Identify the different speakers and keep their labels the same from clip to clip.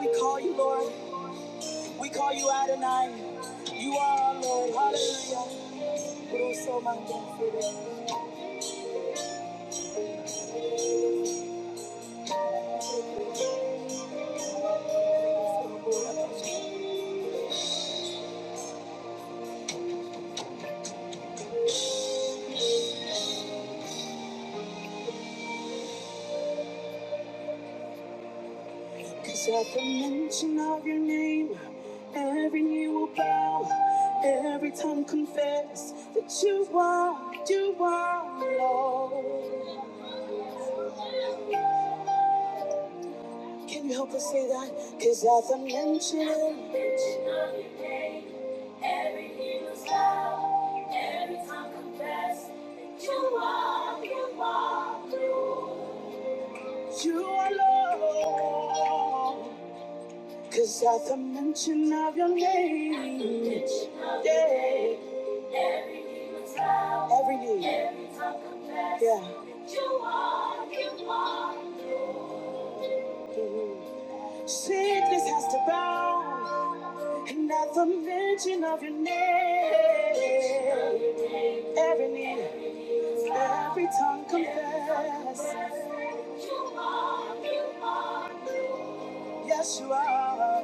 Speaker 1: We call you Lord. We call you Adonai. You are our Lord. Hallelujah. We're so mindful Cause at the mention of your name, every knee will bow, every tongue confess that you are, you are Lord. Can you help us say that? Cause at the mention of your name, every knee will bow, every tongue confess that you are, you are Lord. You are Lord. Cause at the mention of your name, At the mention of your name, yeah. every knee will bow, every knee, every tongue confess yeah. that you are, you are Lord. Sickness has to bow, and at the mention of your name, every knee, every tongue confess. Yes, you are.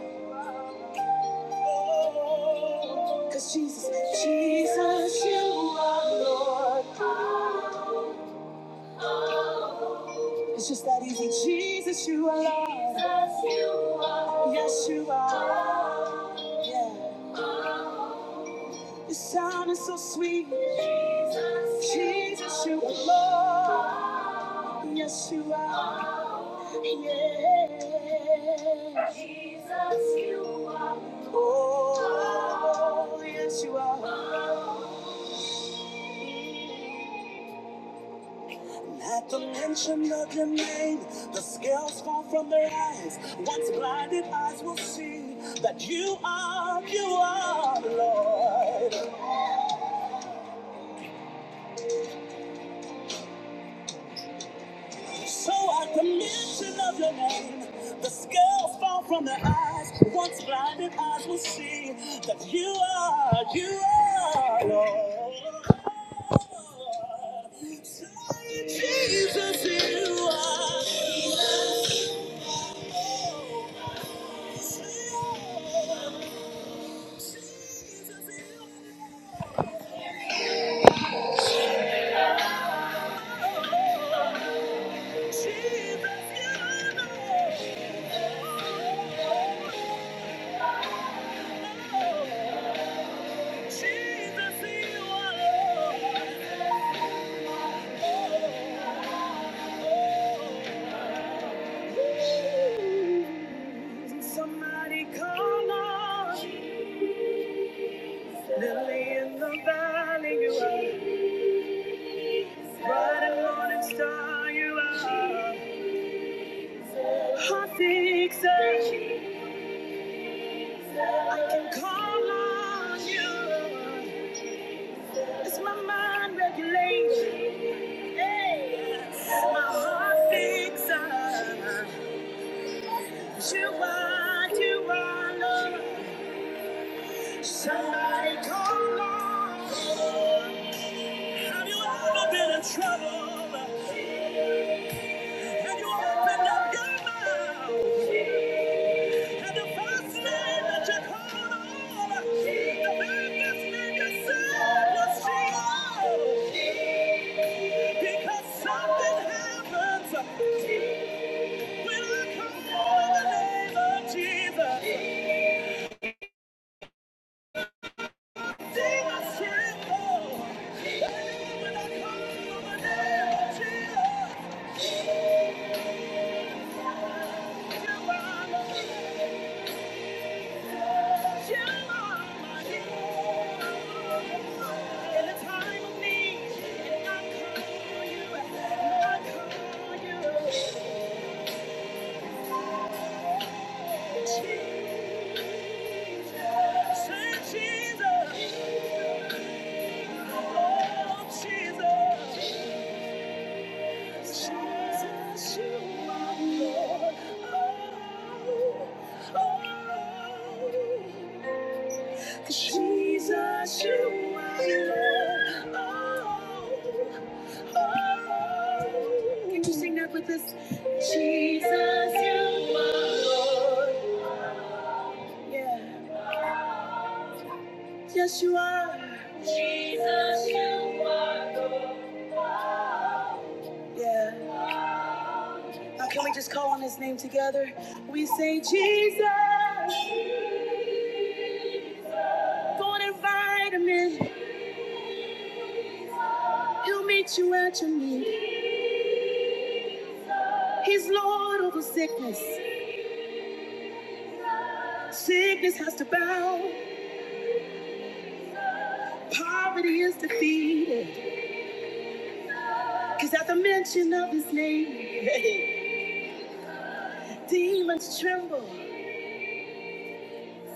Speaker 1: Oh, Cause Jesus, Jesus, you are Lord. It's just that easy. Jesus, you are Lord. Yes, you are. Yeah. The sound is so sweet. Jesus, Jesus, you are Lord. Yes, you are. Yeah. Jesus, you are. Oh, yes, you are. And At the mention of your name, the scales fall from their eyes. Once blinded eyes will see that you are, you are the Lord. So at the mention of your name, the scales fall from their eyes. Once blinded eyes will see that you are, you are Lord. Say, Jesus, you are. Jesus, you are Lord. Jesus, you are Lord. Somebody call on Lily in the valley, you are. Bright and morning star, you are. Hot fixer, I can call on you. It's my mind regulation. My heart fixer, you are, you are love. Somebody call on. Have you ever been in trouble? Have you opened up your mouth? And the first name that you called on, the biggest name you said was Jesus. Because something happens when I call on the name of Jesus. Demons tremble. When I call on the name of Jesus. Oh, oh, oh. Jesus, you are Lord. Oh, oh. Can you sing that with us? Jesus, you are Lord. Yeah. Yes, you are. Jesus, you are Lord. Yeah. Now, can we just call on his name together? We say, Jesus, go and invite him in. He'll meet you at your need. He's Lord over sickness. Sickness has to bow. Poverty is defeated. Cause at the mention of his name, demons tremble.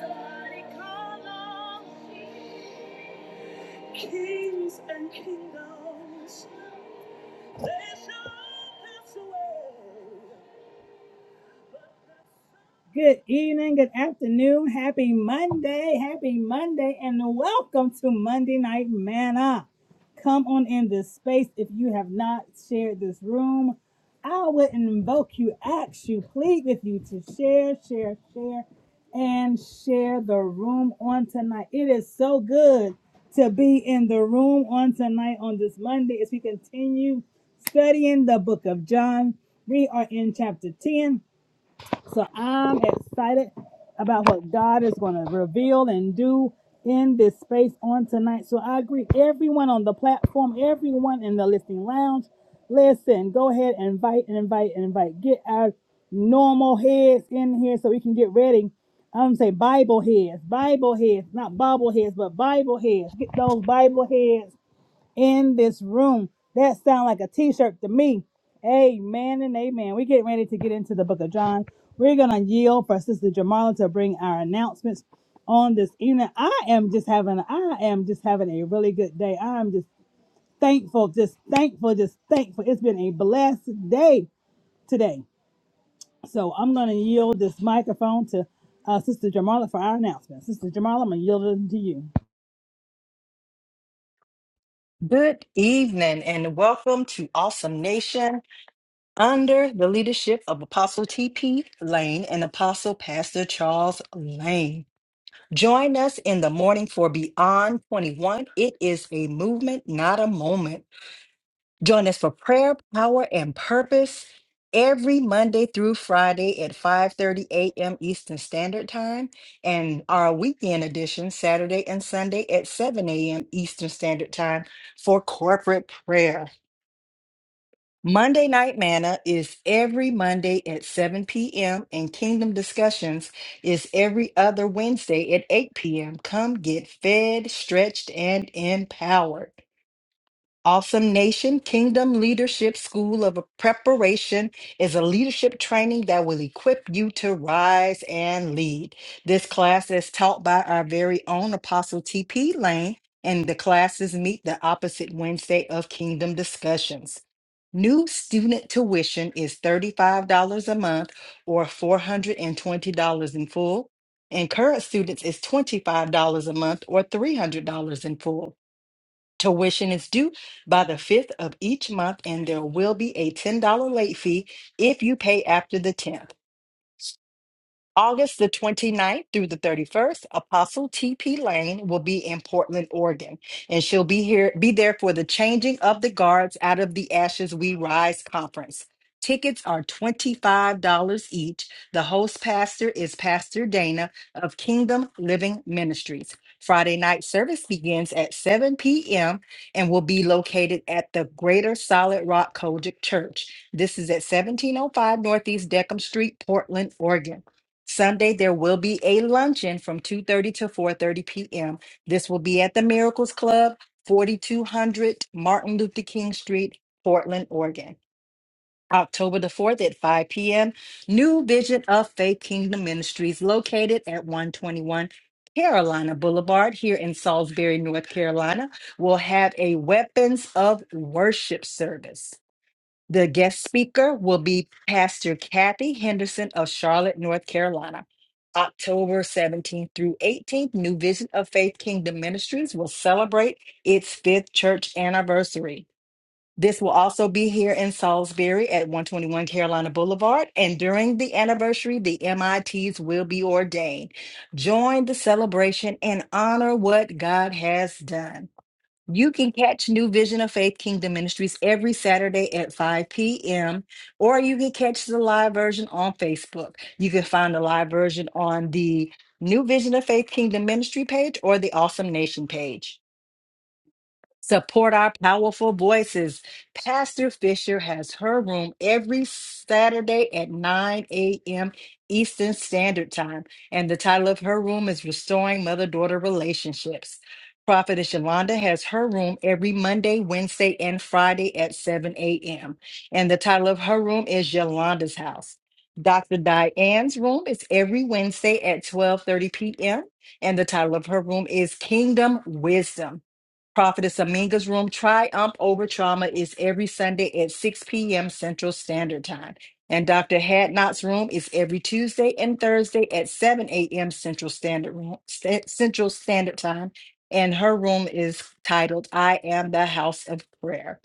Speaker 1: Somebody call on kings and kingdoms. They shall pass away. Good evening, good afternoon, happy Monday, happy Monday, and welcome to Monday Night Manna. Come on in this space if you have not shared this room. I would invoke you, ask you, plead with you to share, share, share, and share the room on tonight. It is so good to be in the room on tonight on this Monday as we continue studying the book of John. We are in chapter 10, so I'm excited about what God is going to reveal and do in this space on tonight. So I agree, everyone on the platform, everyone in the listening lounge, listen, go ahead, and invite and invite and invite. Get our normal heads in here so we can get ready. I'm say Bible heads, Bible heads, not Bible heads, but Bible heads. Get those Bible heads in this room. That sound like a t-shirt to me. Amen and amen. We're getting ready to get into the book of John. We're gonna yield for Sister Jamala to bring our announcements on this evening. I am just having I am just having a really good day. I am just thankful, just thankful, just thankful. It's been a blessed day today. So I'm gonna yield this microphone to uh, Sister Jamala for our announcements. Sister Jamala, I'm gonna yield it to you.
Speaker 2: Good evening and welcome to Awesome Nation under the leadership of Apostle T.P. Lane and Apostle Pastor Charles Lane. Join us in the morning for Beyond 21. It is a movement, not a moment. Join us for prayer, power, and purpose every Monday through Friday at 5:30 a.m. Eastern Standard Time and our weekend edition Saturday and Sunday at 7 a.m. Eastern Standard Time for corporate prayer. Monday Night Manna is every Monday at 7 p.m., and Kingdom Discussions is every other Wednesday at 8 p.m. Come get fed, stretched, and empowered. Awesome Nation Kingdom Leadership School of Preparation is a leadership training that will equip you to rise and lead. This class is taught by our very own Apostle T.P. Lane, and the classes meet the opposite Wednesday of Kingdom Discussions. New student tuition is $35 a month or $420 in full, and current students is $25 a month or $300 in full. Tuition is due by the 5th of each month, and there will be a $10 late fee if you pay after the 10th. August the 29th through the 31st, Apostle TP Lane will be in Portland, Oregon, and she'll be here be there for the Changing of the Guards Out of the Ashes We Rise conference. Tickets are $25 each. The host pastor is Pastor Dana of Kingdom Living Ministries. Friday night service begins at 7 p.m. and will be located at the Greater Solid Rock Kojic Church. This is at 1705 Northeast Deckham Street, Portland, Oregon. Sunday, there will be a luncheon from 2:30 to 4:30 p.m. This will be at the Miracles Club, 4200 Martin Luther King Street, Portland, Oregon. October the 4th at 5 p.m., New Vision of Faith Kingdom Ministries located at 121 Carolina Boulevard here in Salisbury, North Carolina, will have a Weapons of Worship service. The guest speaker will be Pastor Kathy Henderson of Charlotte, North Carolina. October 17th through 18th, New Vision of Faith Kingdom Ministries will celebrate its fifth church anniversary. This will also be here in Salisbury at 121 Carolina Boulevard. And during the anniversary, the MITs will be ordained. Join the celebration and honor what God has done. You can catch New Vision of Faith Kingdom Ministries every Saturday at 5 p.m., or you can catch the live version on Facebook. You can find the live version on the New Vision of Faith Kingdom Ministry page or the Awesome Nation page. Support our powerful voices. Pastor Fisher has her room every Saturday at 9 a.m. Eastern Standard Time. And the title of her room is Restoring Mother Daughter Relationships. Prophetess Yolanda has her room every Monday, Wednesday, and Friday at 7 a.m. And the title of her room is Yolanda's House. Dr. Diane's room is every Wednesday at 12:30 p.m. And the title of her room is Kingdom Wisdom. Prophetess Aminga's Room Triumph Over Trauma is every Sunday at 6 p.m. Central Standard Time. And Dr. Hadnot's Room is every Tuesday and Thursday at 7 a.m. Central Standard Room, Sta- Central Standard Time. And her room is titled I Am the House of Prayer.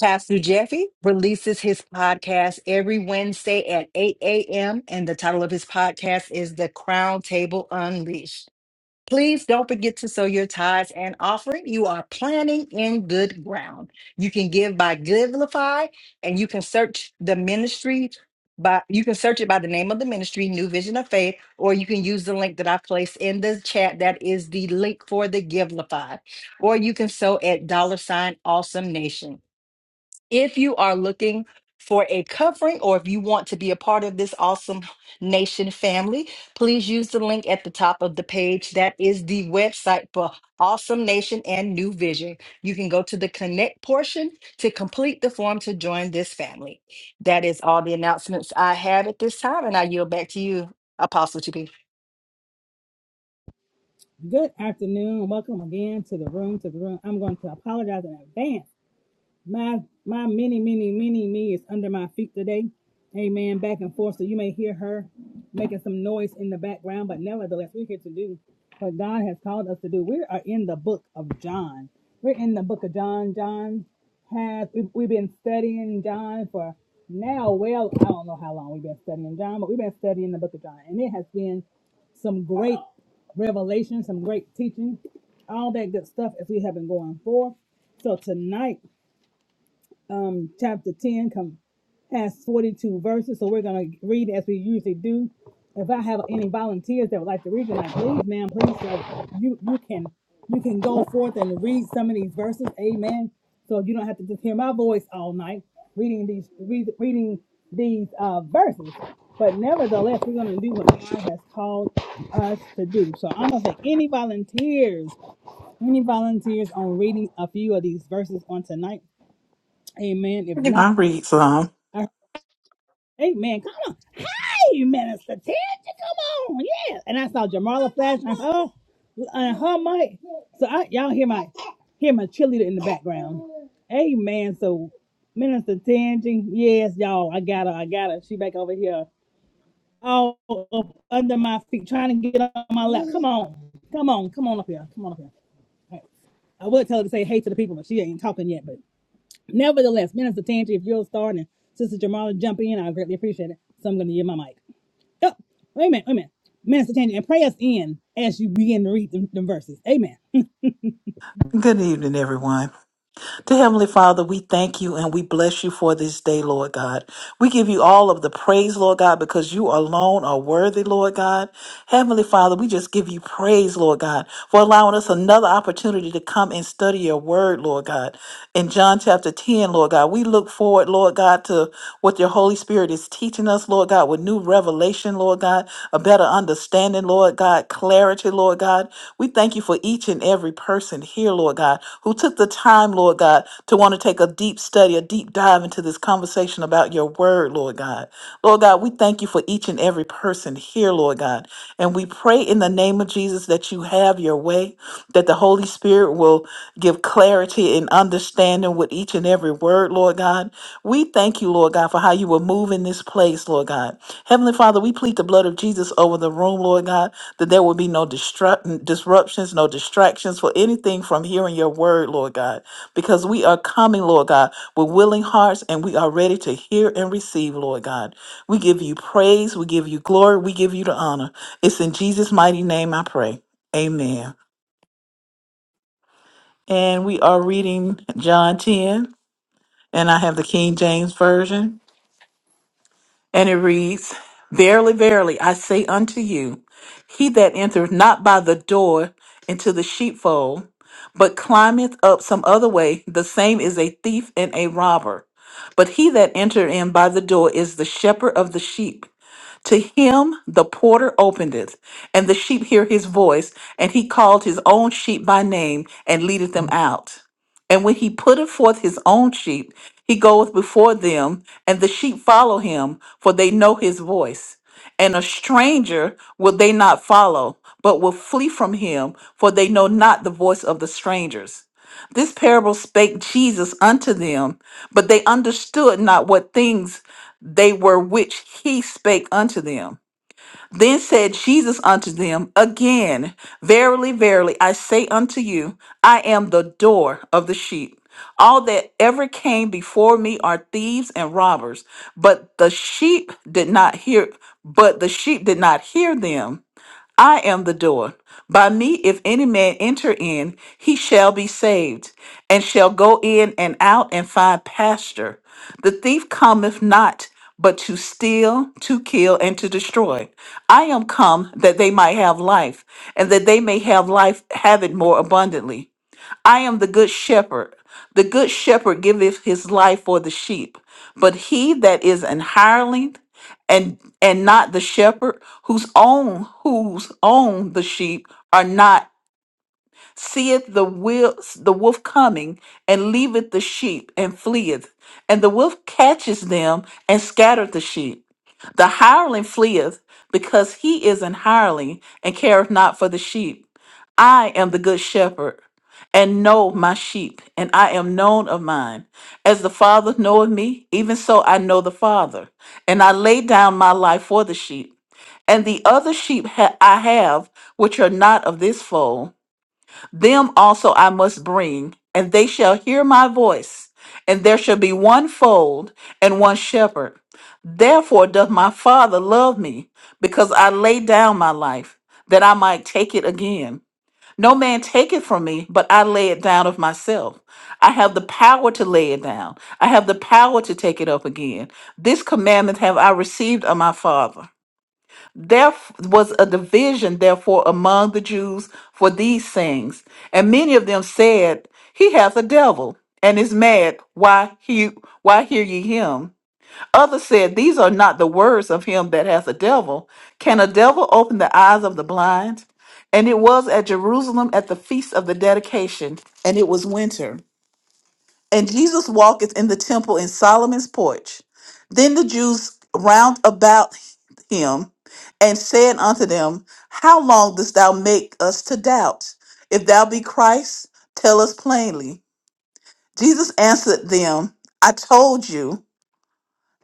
Speaker 2: Pastor Jeffy releases his podcast every Wednesday at 8 a.m. And the title of his podcast is The Crown Table Unleashed. Please don't forget to sow your tithes and offering. You are planting in good ground. You can give by Givelify, and you can search the ministry by you can search it by the name of the ministry, New Vision of Faith, or you can use the link that I placed in the chat. That is the link for the Givelify, or you can sow at dollar sign Awesome Nation. If you are looking for a covering or if you want to be a part of this awesome nation family, please use the link at the top of the page. That is the website for Awesome Nation and New Vision. You can go to the connect portion to complete the form to join this family. That is all the announcements I have at this time, and I yield back to you, Apostle to
Speaker 1: Good afternoon. Welcome again to the room. To the room. I'm going to apologize in advance my my many, many, many me is under my feet today. Amen. Back and forth. So you may hear her making some noise in the background, but nevertheless, we're here to do what God has called us to do. We are in the book of John. We're in the book of John. John has we, we've been studying John for now well, I don't know how long we've been studying John, but we've been studying the book of John. And it has been some great revelation, some great teaching, all that good stuff as we have been going forth. So tonight um, chapter 10 come, has 42 verses. So we're going to read as we usually do. If I have any volunteers that would like to read tonight, please, ma'am, please, so you, you can you can go forth and read some of these verses. Amen. So you don't have to just hear my voice all night reading these read, reading these uh, verses. But nevertheless, we're going to do what God has called us to do. So I'm going to say, any volunteers, any volunteers on reading a few of these verses on tonight? Amen. If not,
Speaker 3: I read some.
Speaker 1: I- Amen. Come on. Hey, Minister Ted, you come on. Yeah. And I saw Jamala flash and her, and her mic. So I, y'all hear my hear my cheerleader in the background. Amen. So Minister Tangi, yes, y'all, I got her. I got her. She back over here. All up under my feet, trying to get on my lap. Come on. Come on. Come on up here. Come on up here. All right. I would tell her to say hey to the people, but she ain't talking yet. Nevertheless, Minister Tangi, if you will start and Sister Jamala, jump in. I greatly appreciate it. So I'm going to give my mic. Oh, wait a minute, wait a minute. Minister Tangi, and pray us in as you begin to read them, them verses. Amen.
Speaker 3: Good evening, everyone. To Heavenly Father, we thank you and we bless you for this day, Lord God. We give you all of the praise, Lord God, because you alone are worthy, Lord God. Heavenly Father, we just give you praise, Lord God, for allowing us another opportunity to come and study your word, Lord God. In John chapter 10, Lord God, we look forward, Lord God, to what your Holy Spirit is teaching us, Lord God, with new revelation, Lord God, a better understanding. understanding, Lord God, clarity, Lord God. We thank you for each and every person here, Lord God, who took the time, Lord God, to want to take a deep study, a deep dive into this conversation about your word, Lord God. Lord God, we thank you for each and every person here, Lord God. And we pray in the name of Jesus that you have your way, that the Holy Spirit will give clarity and understanding with each and every word, Lord. Lord God, we thank you, Lord God, for how you will move in this place, Lord God. Heavenly Father, we plead the blood of Jesus over the room, Lord God, that there will be no destruct- disruptions, no distractions for anything from hearing your word, Lord God, because we are coming, Lord God, with willing hearts and we are ready to hear and receive, Lord God. We give you praise, we give you glory, we give you the honor. It's in Jesus' mighty name I pray. Amen. And we are reading John 10, and I have the King James Version. And it reads, Verily, verily, I say unto you, he that entereth not by the door into the sheepfold, but climbeth up some other way, the same is a thief and a robber. But he that entereth in by the door is the shepherd of the sheep. To him the porter opened it, and the sheep hear his voice, and he called his own sheep by name and leadeth them out. And when he putteth forth his own sheep, he goeth before them, and the sheep follow him, for they know his voice. And a stranger will they not follow, but will flee from him, for they know not the voice of the strangers. This parable spake Jesus unto them, but they understood not what things they were which he spake unto them. Then said Jesus unto them again, Verily, verily, I say unto you, I am the door of the sheep. All that ever came before me are thieves and robbers, but the sheep did not hear, but the sheep did not hear them. I am the door. By me, if any man enter in, he shall be saved, and shall go in and out and find pasture. The thief cometh not, but to steal, to kill, and to destroy. I am come that they might have life, and that they may have life, have it more abundantly. I am the good shepherd. The good shepherd giveth his life for the sheep. But he that is an hireling and and not the shepherd, whose own whose own the sheep are not seeth the wil- the wolf coming, and leaveth the sheep and fleeth, and the wolf catches them and scattereth the sheep. The hireling fleeth, because he is an hireling, and careth not for the sheep. I am the good shepherd, and know my sheep, and I am known of mine. As the Father knoweth me, even so I know the Father, and I lay down my life for the sheep. And the other sheep ha- I have, which are not of this fold. Them also I must bring, and they shall hear my voice. And there shall be one fold and one shepherd. Therefore doth my Father love me, because I lay down my life, that I might take it again. No man take it from me, but I lay it down of myself. I have the power to lay it down. I have the power to take it up again. This commandment have I received of my Father. There was a division, therefore, among the Jews for these things. And many of them said, He hath a devil and is mad. Why, he, why hear ye him? Others said, These are not the words of him that hath a devil. Can a devil open the eyes of the blind? And it was at Jerusalem at the feast of the dedication, and it was winter. And Jesus walketh in the temple in Solomon's porch. Then the Jews round about him and said unto them, How long dost thou make us to doubt? If thou be Christ, tell us plainly. Jesus answered them, I told you,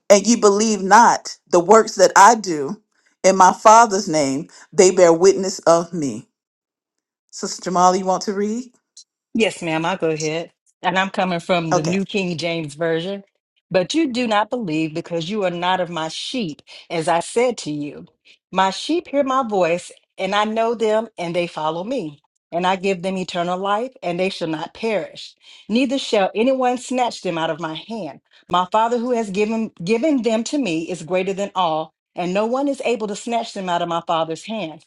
Speaker 3: and ye believe not the works that I do. In my Father's name, they bear witness of me. Sister Jamala, you want to read?
Speaker 2: Yes, ma'am, I'll go ahead. And I'm coming from the
Speaker 3: Okay.
Speaker 2: New King James Version. But you do not believe because you are not of my sheep, as I said to you. My sheep hear my voice, and I know them, and they follow me. And I give them eternal life, and they shall not perish. Neither shall anyone snatch them out of my hand. My Father who has given, given them to me is greater than all, and no one is able to snatch them out of my Father's hand.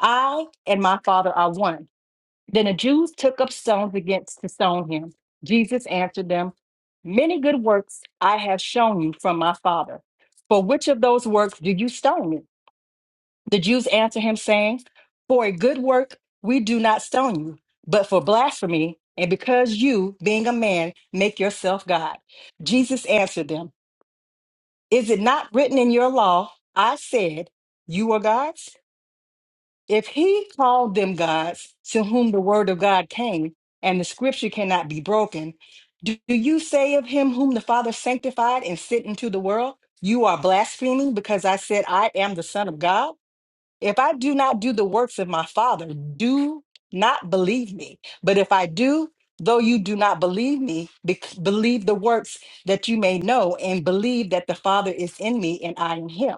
Speaker 2: I and my Father are one. Then the Jews took up stones against to stone him. Jesus answered them, Many good works I have shown you from my Father. For which of those works do you stone me? The Jews answered him, saying, For a good work we do not stone you, but for blasphemy, and because you, being a man, make yourself God. Jesus answered them, Is it not written in your law, I said, You are gods? If he called them gods to whom the word of God came, and the scripture cannot be broken, do do you say of him whom the Father sanctified and sent into the world, You are blaspheming because I said, I am the Son of God? If I do not do the works of my Father, do not believe me. But if I do, though you do not believe me, be- believe the works that you may know, and believe that the Father is in me and I in him.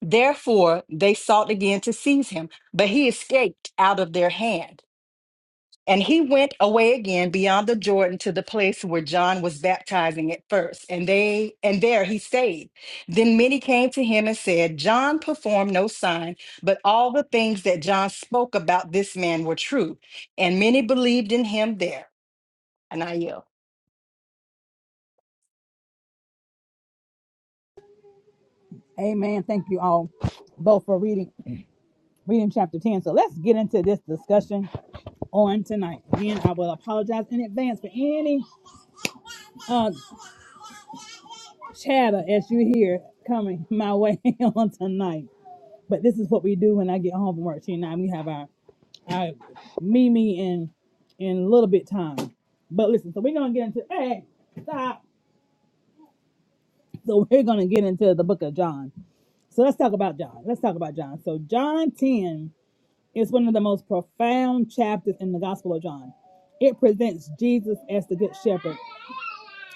Speaker 2: Therefore, they sought again to seize him, but he escaped out of their hand. And he went away again beyond the Jordan to the place where John was baptizing at first, and they and there he stayed. Then many came to him and said, John performed no sign, but all the things that John spoke about this man were true. And many believed in him there. And I yield.
Speaker 1: Amen. Thank you all both for reading reading chapter 10. So let's get into this discussion on tonight. Again, I will apologize in advance for any uh, chatter as you hear coming my way on tonight. But this is what we do when I get home from work. She and I, we have our I, Mimi in in a little bit time. But listen, so we're gonna get into hey, stop. So we're gonna get into the book of John. So let's talk about John. Let's talk about John. So John 10 is one of the most profound chapters in the Gospel of John. It presents Jesus as the Good Shepherd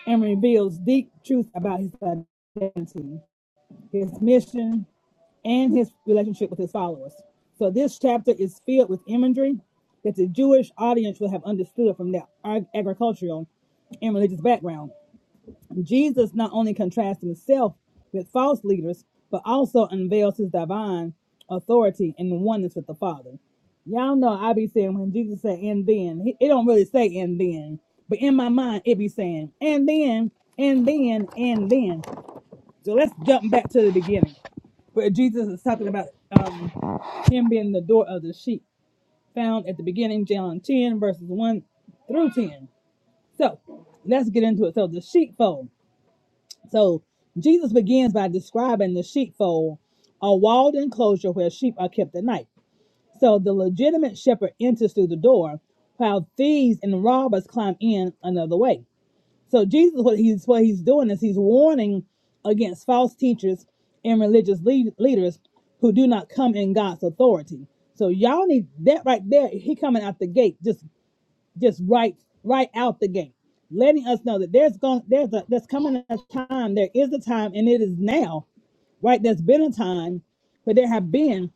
Speaker 1: and reveals deep truth about his identity, his mission, and his relationship with his followers. So this chapter is filled with imagery that the Jewish audience would have understood from their agricultural and religious background. Jesus not only contrasts himself with false leaders, but also unveils his divine authority and oneness with the Father. Y'all know I be saying when Jesus said and then, it don't really say and then, but in my mind it be saying and then, and then, and then. So let's jump back to the beginning where Jesus is talking about um, him being the door of the sheep, found at the beginning, John 10, verses 1 through 10. So let's get into it. So the sheepfold. So Jesus begins by describing the sheepfold, a walled enclosure where sheep are kept at night. So the legitimate shepherd enters through the door, while thieves and robbers climb in another way. So Jesus, what he's what he's doing is he's warning against false teachers and religious lead, leaders who do not come in God's authority. So y'all need that right there. He coming out the gate, just just right right out the gate, letting us know that there's going there's a there's coming a time. There is a time, and it is now. Right, there's been a time, but there have been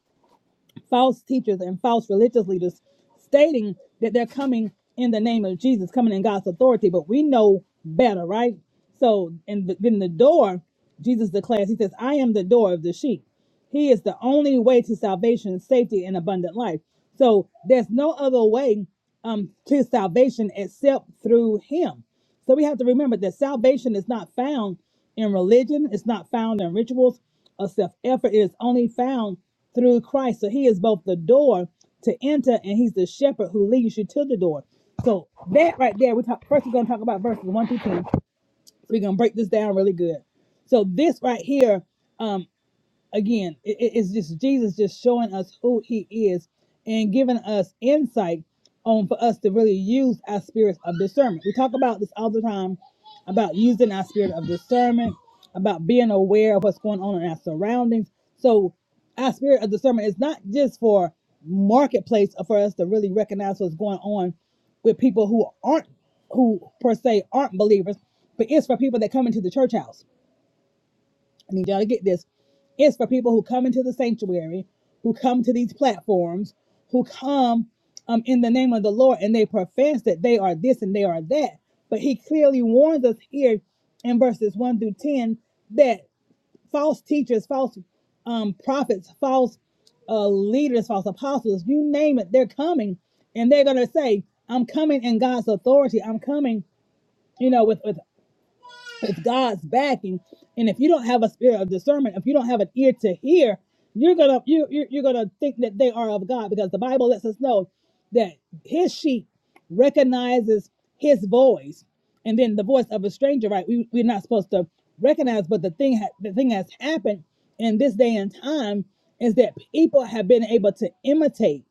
Speaker 1: false teachers and false religious leaders stating that they're coming in the name of Jesus, coming in God's authority, but we know better, right? So, and th- then the door, Jesus declares, He says, I am the door of the sheep. He is the only way to salvation, safety, and abundant life. So, there's no other way um, to salvation except through Him. So we have to remember that salvation is not found in religion, it's not found in rituals or self effort. It is only found through Christ. So he is both the door to enter and he's the shepherd who leads you to the door. So that right there, we talk first we're gonna talk about verses one through ten. So we're gonna break this down really good. So this right here um, again, it, it's just Jesus just showing us who he is and giving us insight on for us to really use our spirit of discernment. We talk about this all the time about using our spirit of discernment, about being aware of what's going on in our surroundings. So our spirit of discernment is not just for marketplace or for us to really recognize what's going on with people who aren't who per se aren't believers, but it's for people that come into the church house I need y'all to get this. It's for people who come into the sanctuary, who come to these platforms, who come um, in the name of the Lord and they profess that they are this and they are that. But he clearly warns us here in verses 1 through 10 that false teachers, false um, prophets, false uh, leaders, false apostles, you name it, they're coming and they're going to say, I'm coming in God's authority. I'm coming, you know, with, with it's God's backing. And if you don't have a spirit of discernment, if you don't have an ear to hear, you're gonna you you're, you're gonna think that they are of God because the Bible lets us know that His sheep recognizes His voice, and then the voice of a stranger. Right? We we're not supposed to recognize, but the thing ha- the thing has happened in this day and time is that people have been able to imitate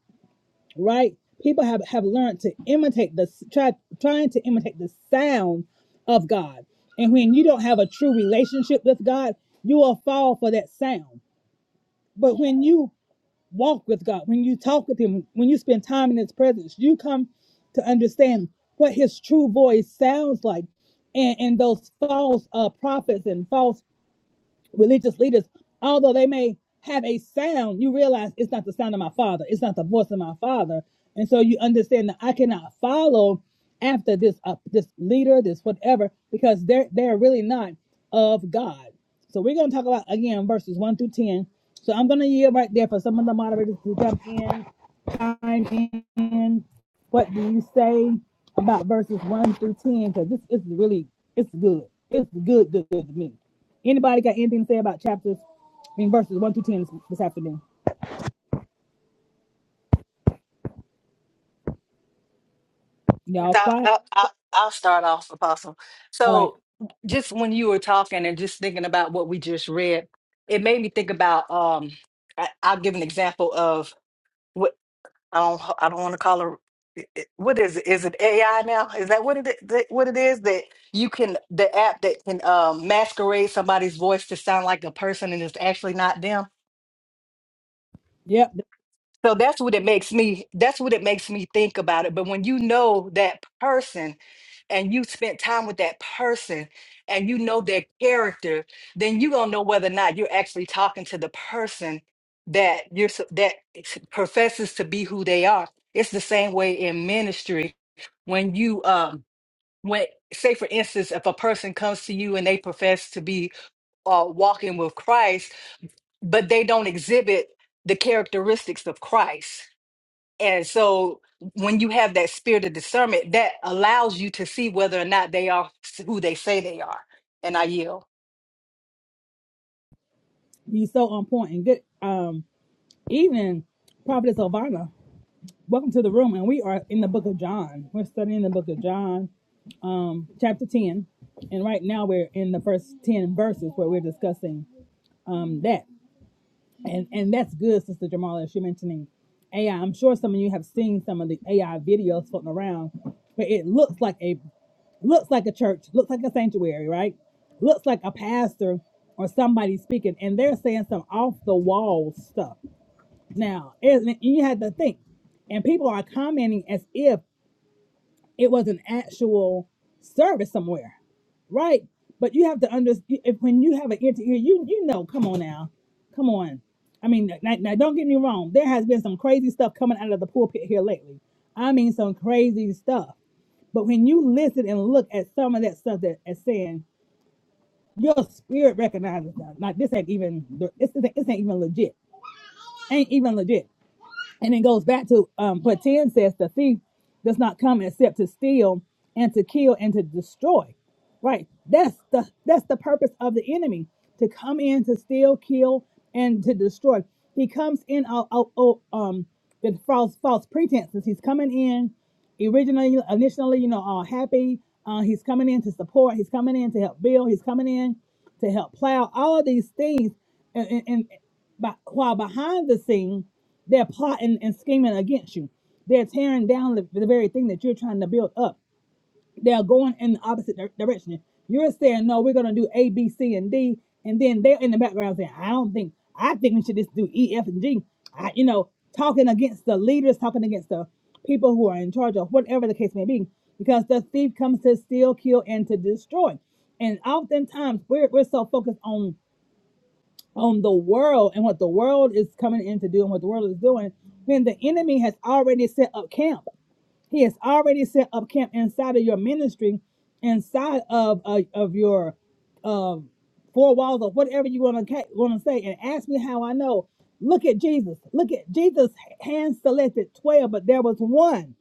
Speaker 1: right? People have, have learned to imitate the try trying to imitate the sound of God. And when you don't have a true relationship with God, you will fall for that sound. But when you walk with God, when you talk with Him, when you spend time in His presence, you come to understand what His true voice sounds like. And, and those false uh, prophets and false religious leaders, although they may have a sound, you realize it's not the sound of my father. It's not the voice of my father. And so you understand that I cannot follow after this uh, this leader, this whatever, because they're they're really not of God. So we're going to talk about again verses one through ten. So I'm going to yield right there for some of the moderators to jump in, chime in. What do you say about verses one through ten? Because this is really it's good. It's good, good, good to me. Anybody got anything to say about chapters I mean verses one through ten this, this afternoon? Y'all
Speaker 2: I'll,
Speaker 1: quiet.
Speaker 2: I'll, I'll I'll start off, Apostle.
Speaker 1: All right.
Speaker 2: So, just when you were talking and just thinking about what we just read, it made me think about. Um, I, I'll give an example of what I don't. I don't want to call her. it- it- What is it? Is it AI now? Is that what it i- that- what it is that you can the app that can um, masquerade somebody's voice to sound like a person and it's actually not them?
Speaker 1: Yep.
Speaker 2: So that's what it makes me. That's what it makes me think about it. But when you know that person and you spent time with that person and you know their character, then you're gonna know whether or not you're actually talking to the person that you're s- that is- professes to be who they are. It's the same way in ministry when you um when say for instance if a person comes to you and they profess to be uh walking with Christ but they don't exhibit the characteristics of Christ and so when you have that spirit of discernment, that allows you to see whether or not they are who they say they are. And I yield.
Speaker 1: He's so on point and good. Um, evening, Prophetess Silvana. Welcome to the room, and we are in the Book of John. We're studying the Book of John, um, chapter ten, and right now we're in the first ten verses where we're discussing um that, and and that's good, Sister Jamala. As you're mentioning AI, I'm sure some of you have seen some of the AI videos floating around, but it looks like a looks like a church, looks like a sanctuary, right? Looks like a pastor or somebody speaking, and they're saying some off the wall stuff. Now, isn't you had to think, and people are commenting as if it was an actual service somewhere, right? But you have to understand if when you have an ear to ear, you you know, come on now, come on. I mean, now, now don't get me wrong. There has been some crazy stuff coming out of the pulpit here lately. I mean, some crazy stuff. But when you listen and look at some of that stuff that is saying, your spirit recognizes that. Like this ain't even this isn't, this ain't even legit. Ain't even legit. And it goes back to um, what 10 says the thief does not come except to steal and to kill and to destroy. Right. That's the that's the purpose of the enemy to come in to steal, kill, and to destroy. He comes in uh, uh, uh, um with false false pretenses. He's coming in originally initially, you know, all happy. Uh, he's coming in to support, he's coming in to help build, he's coming in to help plow all of these things and. and, but while behind the scene, they're plotting and scheming against you. They're tearing down the, the very thing that you're trying to build up. They're going in the opposite dir- direction. You're saying, no, we're going to do A, B, C, and D. And then they're in the background saying, I don't think, I think we should just do E, F, and G. I, you know, talking against the leaders, talking against the people who are in charge of whatever the case may be, because the thief comes to steal, kill, and to destroy. And oftentimes we're, we're so focused on on the world and what the world is coming in to do and what the world is doing, then the enemy has already set up camp. He has already set up camp inside of your ministry, inside of uh, of your um, four walls or whatever you want to want to say. And ask me how I know. Look at Jesus. Look at Jesus. Hand selected twelve, but there was one.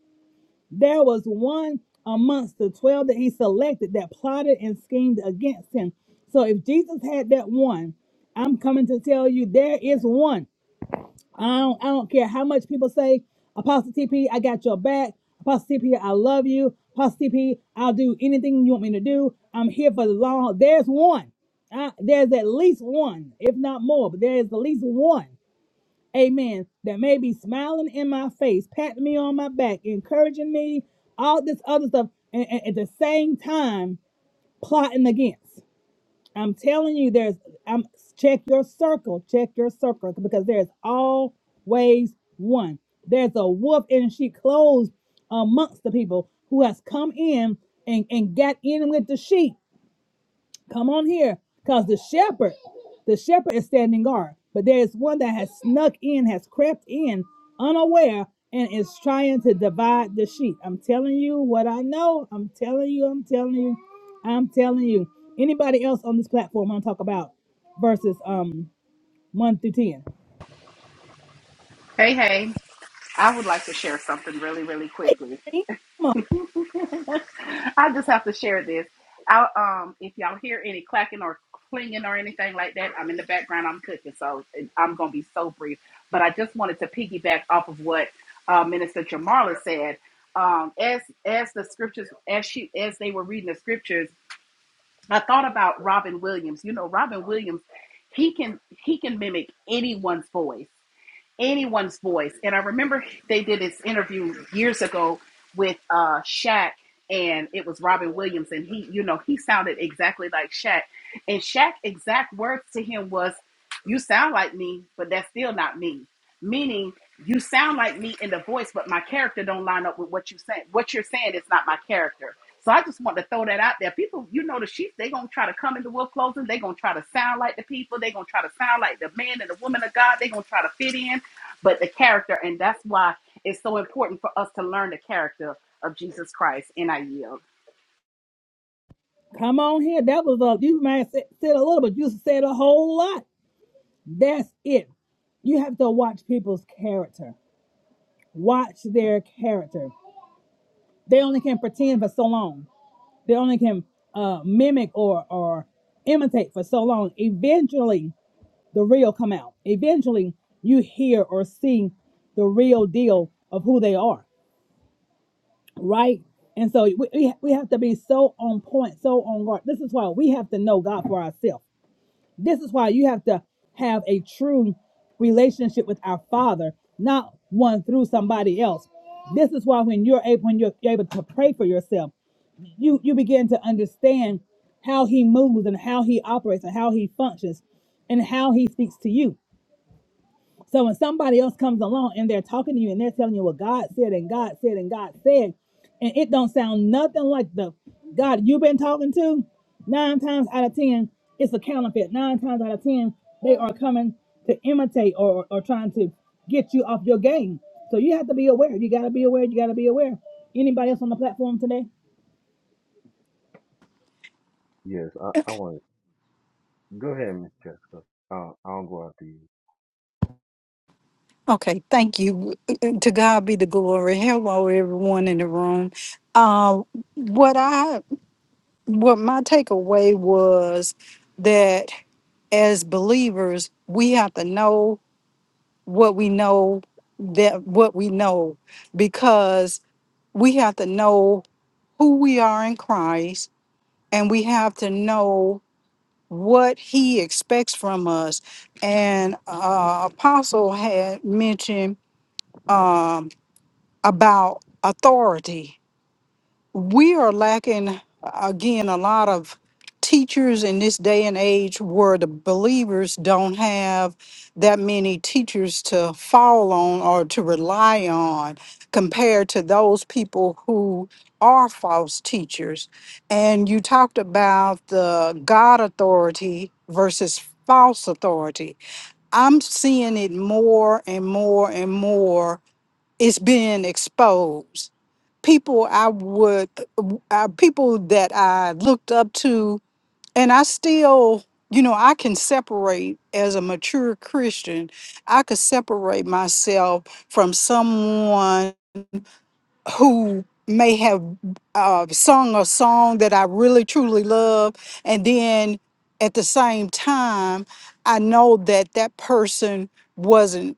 Speaker 1: There was one amongst the 12 that he selected that plotted and schemed against him. So if Jesus had that one, I'm coming to tell you there is one. I don't, I don't care how much people say, Apostle TP, I got your back. Apostle TP, I love you. Apostle TP, I'll do anything you want me to do. I'm here for the long. haul. There's one. I, there's at least one, if not more, but there is at least one amen, that may be smiling in my face, patting me on my back, encouraging me, all this other stuff, and, and at the same time plotting against. I'm telling you, there's I'm check your circle, check your circle, because there's always one. There's a wolf in sheep clothes amongst the people who has come in and, and got in with the sheep Come on here, because the shepherd, the shepherd is standing guard. But there is one that has snuck in, has crept in unaware, and is trying to divide the sheep. I'm telling you what I know. I'm telling you, I'm telling you, I'm telling you. Anybody else on this platform want to talk about verses um one through ten?
Speaker 4: Hey, hey, I would like to share something really, really quickly.
Speaker 1: Come on,
Speaker 4: I just have to share this. I, um, if y'all hear any clacking or clinging or anything like that, I'm in the background, I'm cooking, so it- I'm going to be so brief. But I just wanted to piggyback off of what uh, Minister Jamarla said. Um, as as the scriptures, as she as they were reading the scriptures, I thought about Robin Williams. You know, Robin Williams, he can he can mimic anyone's voice anyone's voice. And I remember they did this interview years ago with uh Shaq and it was Robin Williams and he, you know, he sounded exactly like Shaq. And Shaq exact words to him was you sound like me, but that's still not me. Meaning, you sound like me in the voice, but my character don't line up with what you saying. What you're saying is not my character. So I just want to throw that out there. People, you know, the sheep, they going to try to come into wolf clothing. they going to try to sound like the people. they going to try to sound like the man and the woman of God. they going to try to fit in, but the character. And that's why it's so important for us to learn the character of Jesus Christ. And I yield.
Speaker 1: come on here. That was a you might have said said a little, but you said a whole lot. That's it. You have to watch people's character. Watch their character. They only can pretend for so long. They only can uh, mimic or or imitate for so long. Eventually, the real come out. Eventually, you hear or see the real deal of who they are, right? And so we, we we have to be so on point, so on guard. This is why we have to know God for ourselves. This is why you have to have a true relationship with our Father, not one through somebody else. This is why when you're able, when you're able to pray for yourself, you you begin to understand how he moves and how he operates and how he functions and how he speaks to you. So when somebody else comes along and they're talking to you and they're telling you what God said and God said and God said, and it don't sound nothing like the God you've been talking to, nine times out of ten, it's a counterfeit. Nine times out of ten, they are coming to imitate or, or trying to get you off your game. So you have to be aware. You gotta be aware, you gotta be aware. Anybody else on the platform today?
Speaker 5: Yes, I, I
Speaker 6: Okay,
Speaker 5: want to go ahead, Miss Jessica. I'll, I'll go after you.
Speaker 6: Okay. thank you. To God be the glory. Hello, everyone in the room. Uh, what I what my takeaway was that as believers, we have to know what we know that what we know because we have to know who we are in Christ and we have to know what he expects from us. And uh, Apostle had mentioned Um, about authority. We are lacking, again, a lot of teachers in this day and age where the believers don't have that many teachers to fall on or to rely on compared to those people who are false teachers. And you talked about the God authority versus false authority. I'm seeing it more and more and more. It's being exposed people I would, uh, people that I looked up to, and I still, you know, I can separate as a mature Christian. I could separate myself from someone who may have uh, sung a song that I really truly love, and then at the same time, I know that that person wasn't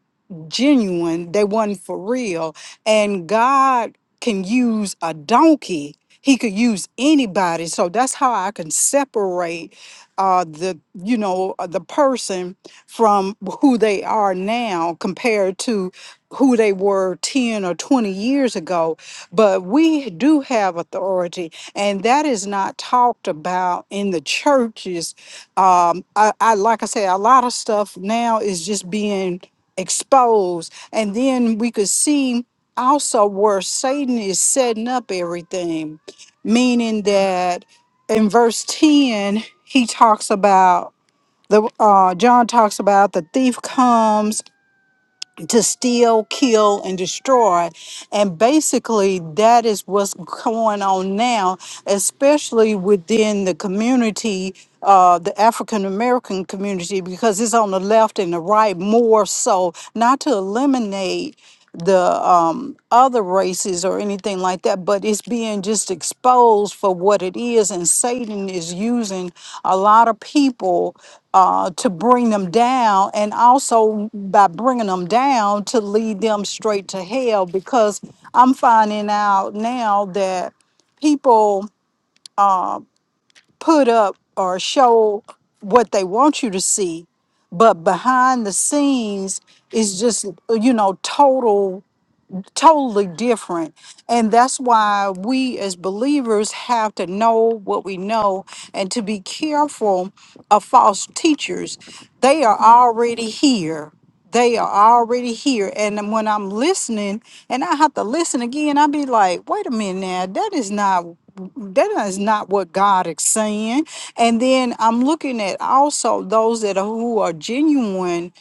Speaker 6: genuine, they wasn't for real, and God can use a donkey. He could use anybody, so that's how I can separate uh, the you know uh, the person from who they are now compared to who they were 10 or 20 years ago but we do have authority, and that is not talked about in the churches. Um, I, I like I say, a lot of stuff now is just being exposed, and then we could see also where Satan is setting up everything, meaning that in verse ten he talks about the uh, John talks about the thief comes to steal, kill, and destroy. And basically, that is what's going on now, especially within the community, uh, the African American community, because it's on the left and the right more so, not to eliminate the um, other races or anything like that, but it's being just exposed for what it is. And Satan is using a lot of people uh, to bring them down, and also by bringing them down to lead them straight to hell. Because I'm finding out now that people put up or show what they want you to see, but behind the scenes is just, you know, total totally different. And that's why we as believers have to know what we know and to be careful of false teachers. They are already here. They are already here. And then when I'm listening and I have to listen again, i be like, wait a minute now, that is not that is not what God is saying. And then I'm looking at also those that are who are genuine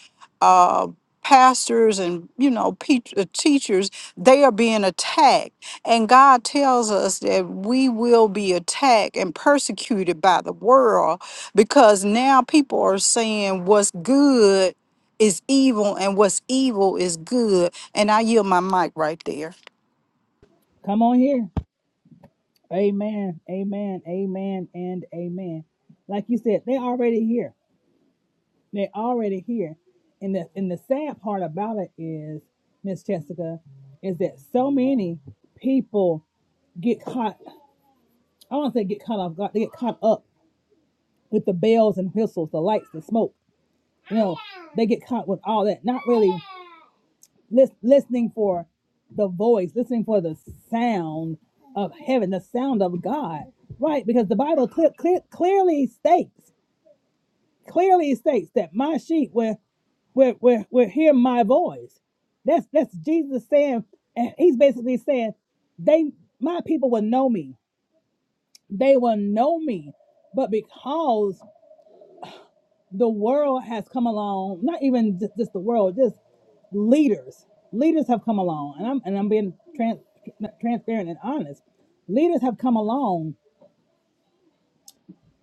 Speaker 6: uh, pastors and you know pe- uh, teachers they are being attacked and god tells us that we will be attacked and persecuted by the world because now people are saying what's good is evil and what's evil is good and i yield my mic right there
Speaker 1: Come on here. Amen. Amen. Amen. And amen. Like you said, they're already here. They're already here. And the and the sad part about it is, Miss Jessica, is that so many people get caught. I don't say get caught off guard. They get caught up with the bells and whistles, the lights, the smoke. You know, they get caught with all that. Not really. lis- listening for the voice, listening for the sound of heaven, the sound of God, right? Because the Bible clear, clear, clearly states, clearly states that my sheep will will will will hear my voice. That's that's Jesus saying, and he's basically saying, they my people will know me. They will know me, but because the world has come along, not even just, just the world, just leaders. Leaders have come along, and I'm and I'm being trans, transparent and honest. Leaders have come along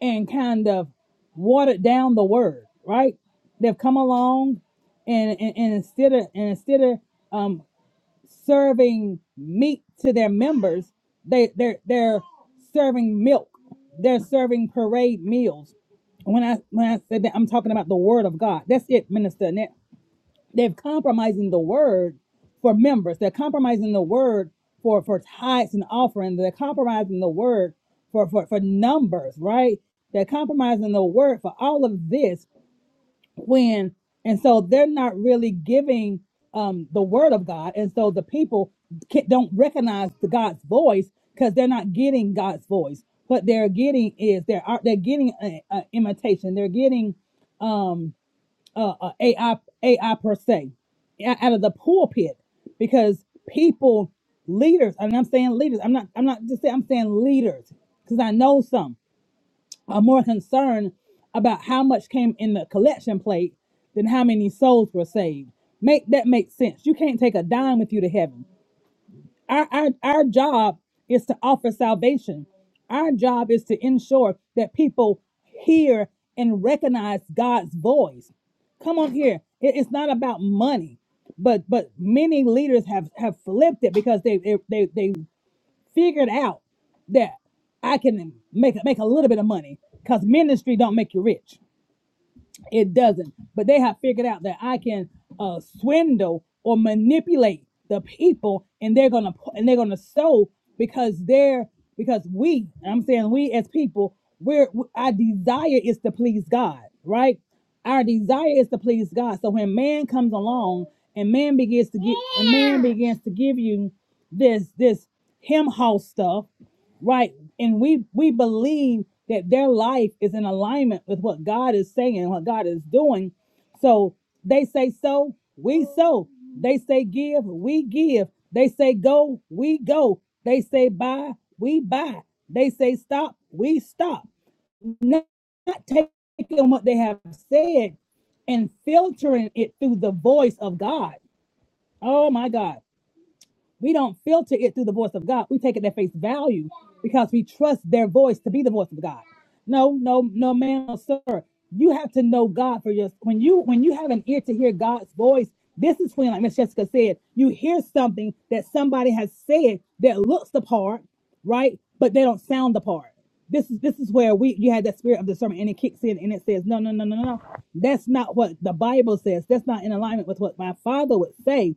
Speaker 1: and kind of watered down the word, right? They've come along and and, and instead of and instead of um, serving meat to their members. They they're they're serving milk. They're serving parade meals. When I when I said that, I'm talking about the word of God. That's it, minister. Annette. They're compromising the word for members. They're compromising the word for for tithes and offerings. They're compromising the word for for for numbers, right? They're compromising the word for all of this when and so they're not really giving um the word of god and so the people can, don't recognize the god's voice because they're not getting god's voice what they're getting is they're are- they're getting a, a imitation they're getting um uh, uh ai ai per se o- out of the pulpit because people leaders and i'm saying leaders i'm not i'm not just saying i'm saying leaders because i know some are more concerned about how much came in the collection plate than how many souls were saved. Make that make sense. You can't take a dime with you to heaven. Our our, our job is to offer salvation. Our job is to ensure that people hear and recognize God's voice. Come on here. It- it's not about money. But but many leaders have have flipped it because they they they, they figured out that I can make make a little bit of money because ministry don't make you rich. It doesn't. But they have figured out that I can uh, swindle or manipulate the people, and they're gonna and they're gonna sow because they're because we. and I'm saying we as people, we're our desire is to please God, right? Our desire is to please God. So when man comes along and man begins to get and man begins to give you this this him house stuff right and we we believe that their life is in alignment with what god is saying and what god is doing so they say so we so they say give we give they say go we go they say buy we buy they say stop we stop not, not taking what they have said and filtering it through the voice of god oh my god we don't filter it through the voice of God. We take it at face value because we trust their voice to be the voice of God. No, no, no, ma'am, no, sir. You have to know God for your when you when you have an ear to hear God's voice. This is when, like Miss Jessica said, you hear something that somebody has said that looks the part, right? But they don't sound the part. This is this is where we you had that spirit of discernment and it kicks in and it says, No, no, no, no, no, no. That's not what the Bible says. That's not in alignment with what my father would say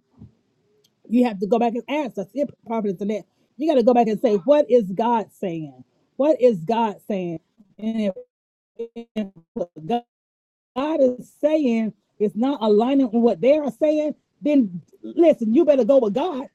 Speaker 1: you have to go back and ask. That's it, prophetess Annette. You got to go back and say, what is God saying? What is God saying? And if, if what God is saying is not aligning with what they are saying, then listen, you better go with God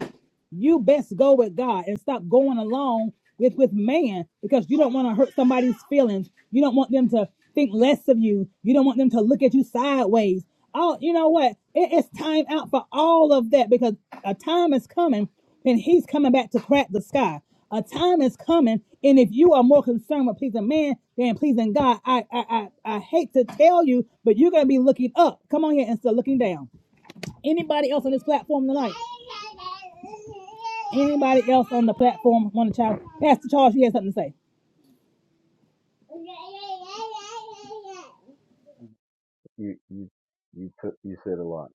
Speaker 1: you best go with God and stop going along with with man because you don't want to hurt somebody's feelings. You don't want them to think less of you. You don't want them to look at you sideways. Oh, you know what? It is time out for all of that because a time is coming and he's coming back to crack the sky. A time is coming, and if you are more concerned with pleasing man than pleasing God, I I I, I hate to tell you, but you're gonna be looking up. Come on here instead of looking down. Anybody else on this platform tonight? Anybody else on the platform want to chime? Pastor Charles, you had something to say.
Speaker 5: You you you took you said a lot.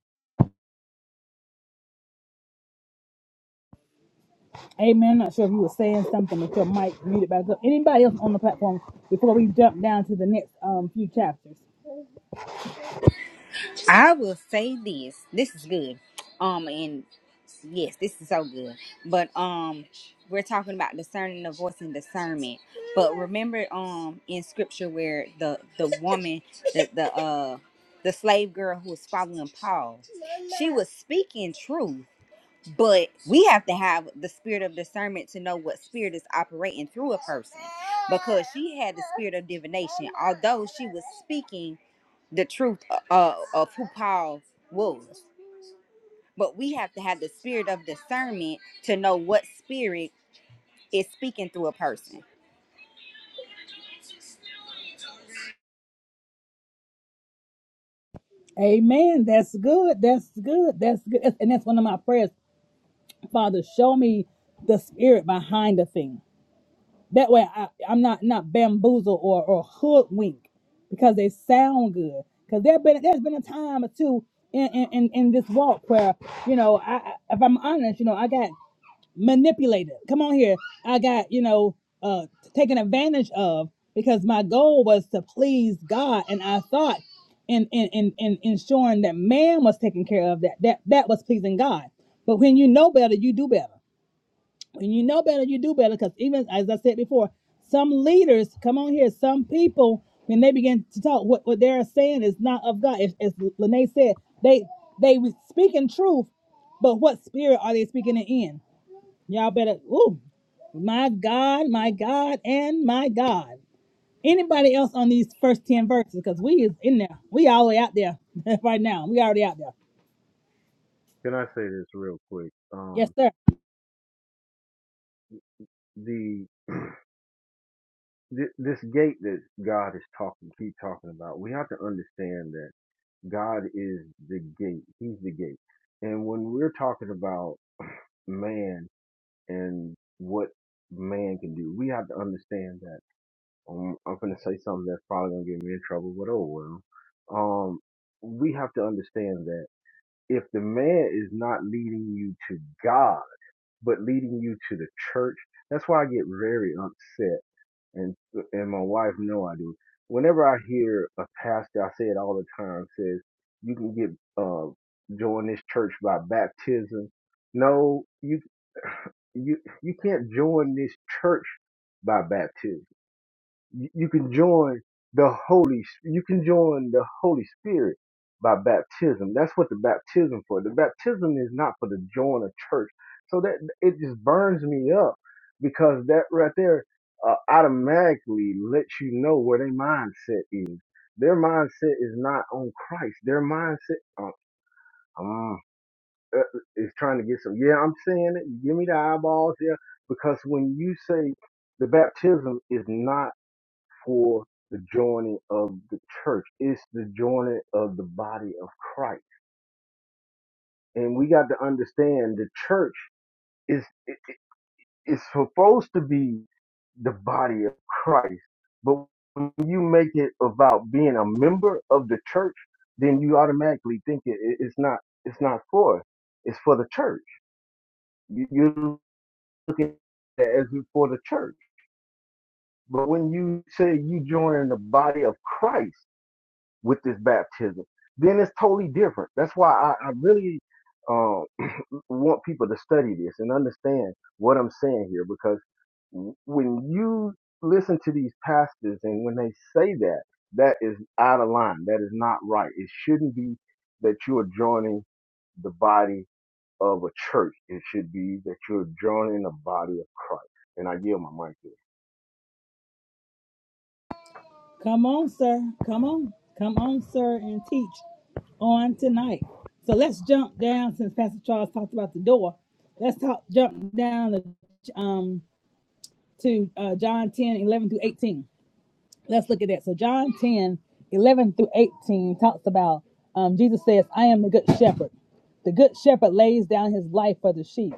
Speaker 1: Amen. I'm not sure if you were saying something with your mic muted back up. Anybody else on the platform before we jump down to the next um few chapters?
Speaker 7: I will say this. This is good. Um, and yes, this is so good. But um, we're talking about discerning the voice and discernment. But remember, um, in scripture where the the woman, the the uh, the slave girl who was following Paul, she was speaking truth. But we have to have the spirit of discernment to know what spirit is operating through a person because she had the spirit of divination. Although she was speaking the truth uh, uh, of who Paul was. But we have to have the spirit of discernment to know what spirit is speaking through a person.
Speaker 1: Amen. That's good. That's good. That's good. And that's one of my prayers. Father, show me the spirit behind the thing. That way, I, I'm not not bamboozled or or hoodwinked because they sound good. Because there been there's been a time or two in in, in, in this walk where you know I I- if I'm honest, you know I got manipulated. Come on here, I got you know uh taken advantage of because my goal was to please God, and I thought in in in, in ensuring that man was taken care of that that that was pleasing God. But when you know better, you do better when you know better, you do better. Because even as I said before, some leaders come on here, some people when they begin to talk, what, what they're saying is not of God. As, as Lene said, they they was speaking truth, but what spirit are they speaking it in? Y'all better. Ooh, my God, my God, and my God. Anybody else on these first ten verses? Because we is in there. We all the way out there right now. We already out there.
Speaker 5: Can I say this real quick?
Speaker 1: Yes,
Speaker 5: Um,
Speaker 1: sir.
Speaker 5: the th- this gate that God is talking, keep talking about. We have to understand that God is the gate. He's the gate. And when we're talking about man and what man can do, we have to understand that. Um, I'm going to say something that's probably going to get me in trouble, but oh well. Um, we have to understand that. if the man is not leading you to God, but leading you to the church, that's why I get very upset. And and my wife know I do. Whenever I hear a pastor, I say it all the time, says you can get uh join this church by baptism. No, you you you can't join this church by baptism. You you can join the Holy. You can join the Holy Spirit by baptism. That's what the baptism for. The baptism is not for to join a church. So that it just burns me up because that right there uh, automatically lets you know where their mindset is. Their mindset is not on Christ. Their mindset uh, um, uh, is trying to get some. Yeah, I'm saying it. Give me the eyeballs. Yeah, because when you say the baptism is not for the joining of the church. It's the joining of the body of Christ. And we got to understand the church is it, it- it's supposed to be the body of Christ. But when you make it about being a member of the church, then you automatically think it, it- it's not it's not for us. It's for the church. You, you look at it as for the church. But when you say you join the body of Christ, with this baptism, then it's totally different. That's why I, I really um, want people to study this and understand what I'm saying here because when you listen to these pastors and when they say that, that is out of line. That is not right. It shouldn't be that you are joining the body of a church. It should be that you're joining the body of Christ. And I give my mic here. So
Speaker 1: Come on, sir. Come on. Come on, sir, and teach on tonight. So let's jump down since Pastor Charles talked about the door. Let's talk jump down to, um, to uh, John 10 11 through 18. Let's look at that. So John 10 11 through 18 talks about um, Jesus says, I am the good shepherd. The good shepherd lays down his life for the sheep.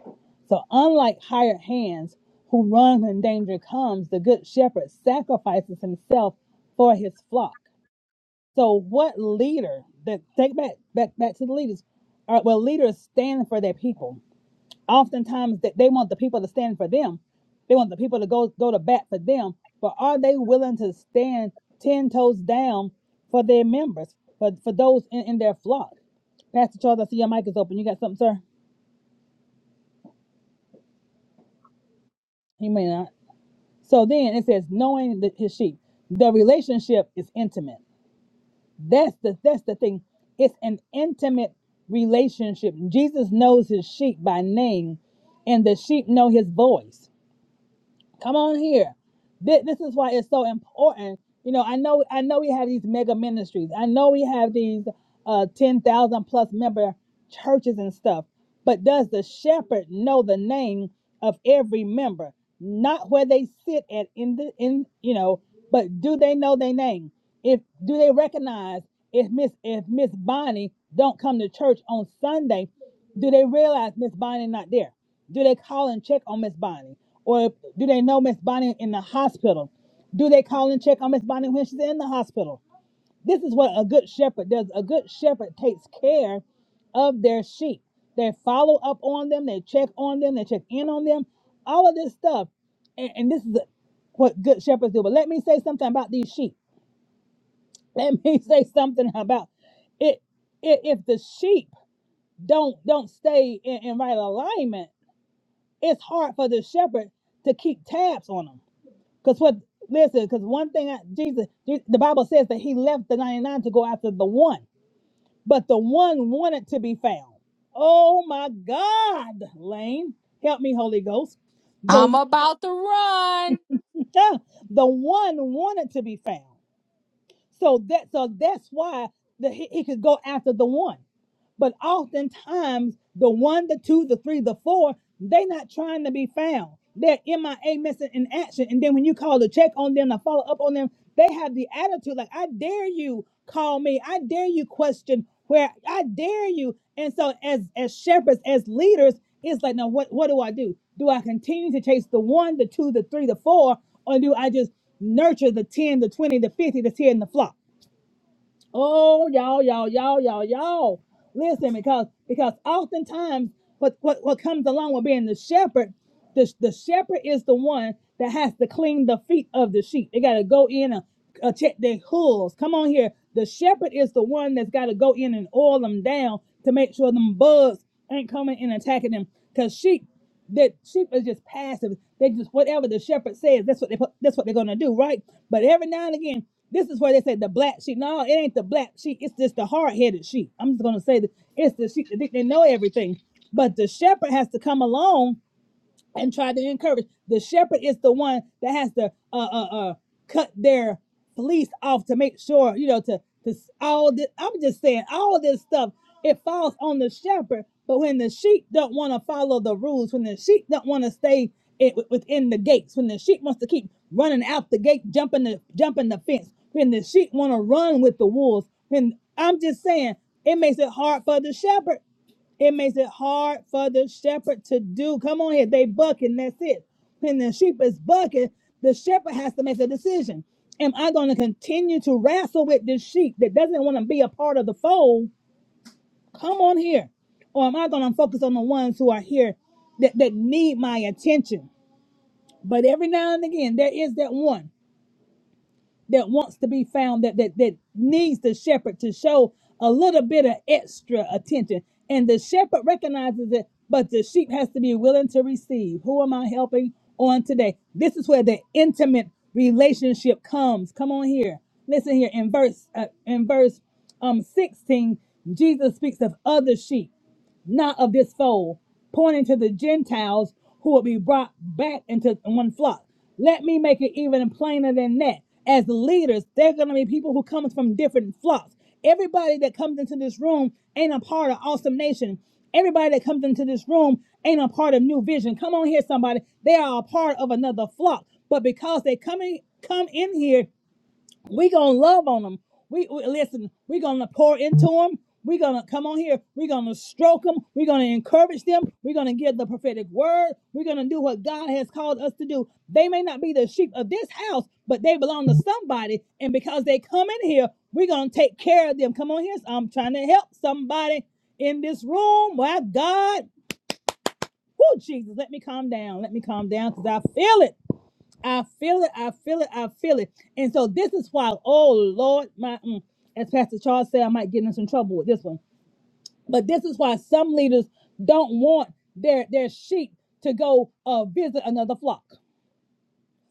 Speaker 1: So unlike hired hands who run when danger comes, the good shepherd sacrifices himself for his flock. So what leader that take back back back to the leaders? All right, well, leaders stand for their people. Oftentimes that they want the people to stand for them. They want the people to go go to bat for them. But are they willing to stand ten toes down for their members, for for those in, in their flock? Pastor Charles, I see your mic is open. You got something, sir? He may not. So then it says, knowing the, his sheep. The relationship is intimate. That's the that's the thing. It's an intimate relationship. Jesus knows his sheep by name, and the sheep know his voice. Come on here. This, this is why it's so important. You know, I know I know we have these mega ministries. I know we have these uh 10,000 plus member churches and stuff. But does the shepherd know the name of every member? Not where they sit at in the in, you know, but do they know their name? If do they recognize if Miss if Miss Bonnie don't come to church on Sunday, do they realize Miss Bonnie not there? Do they call and check on Miss Bonnie? Or do they know Miss Bonnie in the hospital? Do they call and check on Miss Bonnie when she's in the hospital? This is what a good shepherd does. A good shepherd takes care of their sheep. They follow up on them, they check on them, they check in on them, all of this stuff. And, and this is what good shepherds do. But let me say something about these sheep. Let me say something about it. If if the sheep don't don't stay in, in right alignment, it's hard for the shepherd to keep tabs on them. Because what listen, because one thing I, Jesus, Je- the Bible says that he left the 99 to go after the one, but the one wanted to be found. Oh my God, Lane, help me, Holy Ghost. The
Speaker 8: I'm
Speaker 1: one-
Speaker 8: about to run.
Speaker 1: ah, the one wanted to be found. So that so that's why the, he, he could go after the one. But oftentimes, the one, the two, the three, the four, they're not trying to be found. They're MIA missing in action. And then when you call to check on them, to follow up on them, they have the attitude like, I dare you call me. I dare you question where I dare you. And so as as shepherds, as leaders, it's like, now what, what do I do? Do I continue to chase the one, the two, the three, the four, or do I just nurture the 10, the 20, the 50 that's here in the flock? Oh, y'all, y'all, y'all, y'all, y'all. Listen, because because oftentimes what what, what comes along with being the shepherd, the, the shepherd is the one that has to clean the feet of the sheep. They gotta go in and uh, check their hooves. Come on here. The shepherd is the one that's gotta go in and oil them down to make sure them bugs ain't coming and attacking them. Cause sheep that sheep is just passive. They just whatever the shepherd says, that's what they put, that's what they're gonna do, right? But every now and again, this is where they say the black sheep. No, it ain't the black sheep. It's just the hard-headed sheep. I'm just gonna say that it's the sheep that think they know everything. But the shepherd has to come along and try to encourage. The shepherd is the one that has to uh uh uh cut their fleece off to make sure you know to to all this. I'm just saying all this stuff it falls on the shepherd. But when the sheep don't want to follow the rules, when the sheep don't want to stay it, within the gates, when the sheep wants to keep running out the gate, jumping the jumping the fence, when the sheep want to run with the wolves, when I'm just saying it makes it hard for the shepherd it makes it hard for the shepherd to do. Come on here, they bucking. That's it. When the sheep is bucking, the shepherd has to make a decision. Am I going to continue to wrestle with this sheep that doesn't want to be a part of the fold? Come on here. Or am I going to focus on the ones who are here that, that need my attention? But every now and again, there is that one that wants to be found that that that needs the shepherd to show a little bit of extra attention and the shepherd recognizes it but the sheep has to be willing to receive who am i helping on today this is where the intimate relationship comes come on here listen here in verse uh, in verse um 16 jesus speaks of other sheep not of this fold, pointing to the Gentiles who will be brought back into one flock. Let me make it even plainer than that. As leaders, they're going to be people who come from different flocks. Everybody that comes into this room ain't a part of Awesome Nation. Everybody that comes into this room ain't a part of New Vision. Come on here, somebody. They are a part of another flock. But because they come in, come in here we gonna love on them. We, we listen. we gonna pour into them. we gonna come on here. we gonna stroke them. we gonna encourage them. we gonna give the prophetic word. we gonna do what God has called us to do. They may not be the sheep of this house, but they belong to somebody. And because they come in here, we gonna take care of them. Come on here. I'm trying to help somebody in this room. My God. Woo, Jesus, let me calm down. Let me calm down because I feel it. I feel it. I feel it. I feel it. And so this is why, oh Lord, my mm, as Pastor Charles said, I might get in some trouble with this one. But this is why some leaders don't want their their sheep to go uh, visit another flock.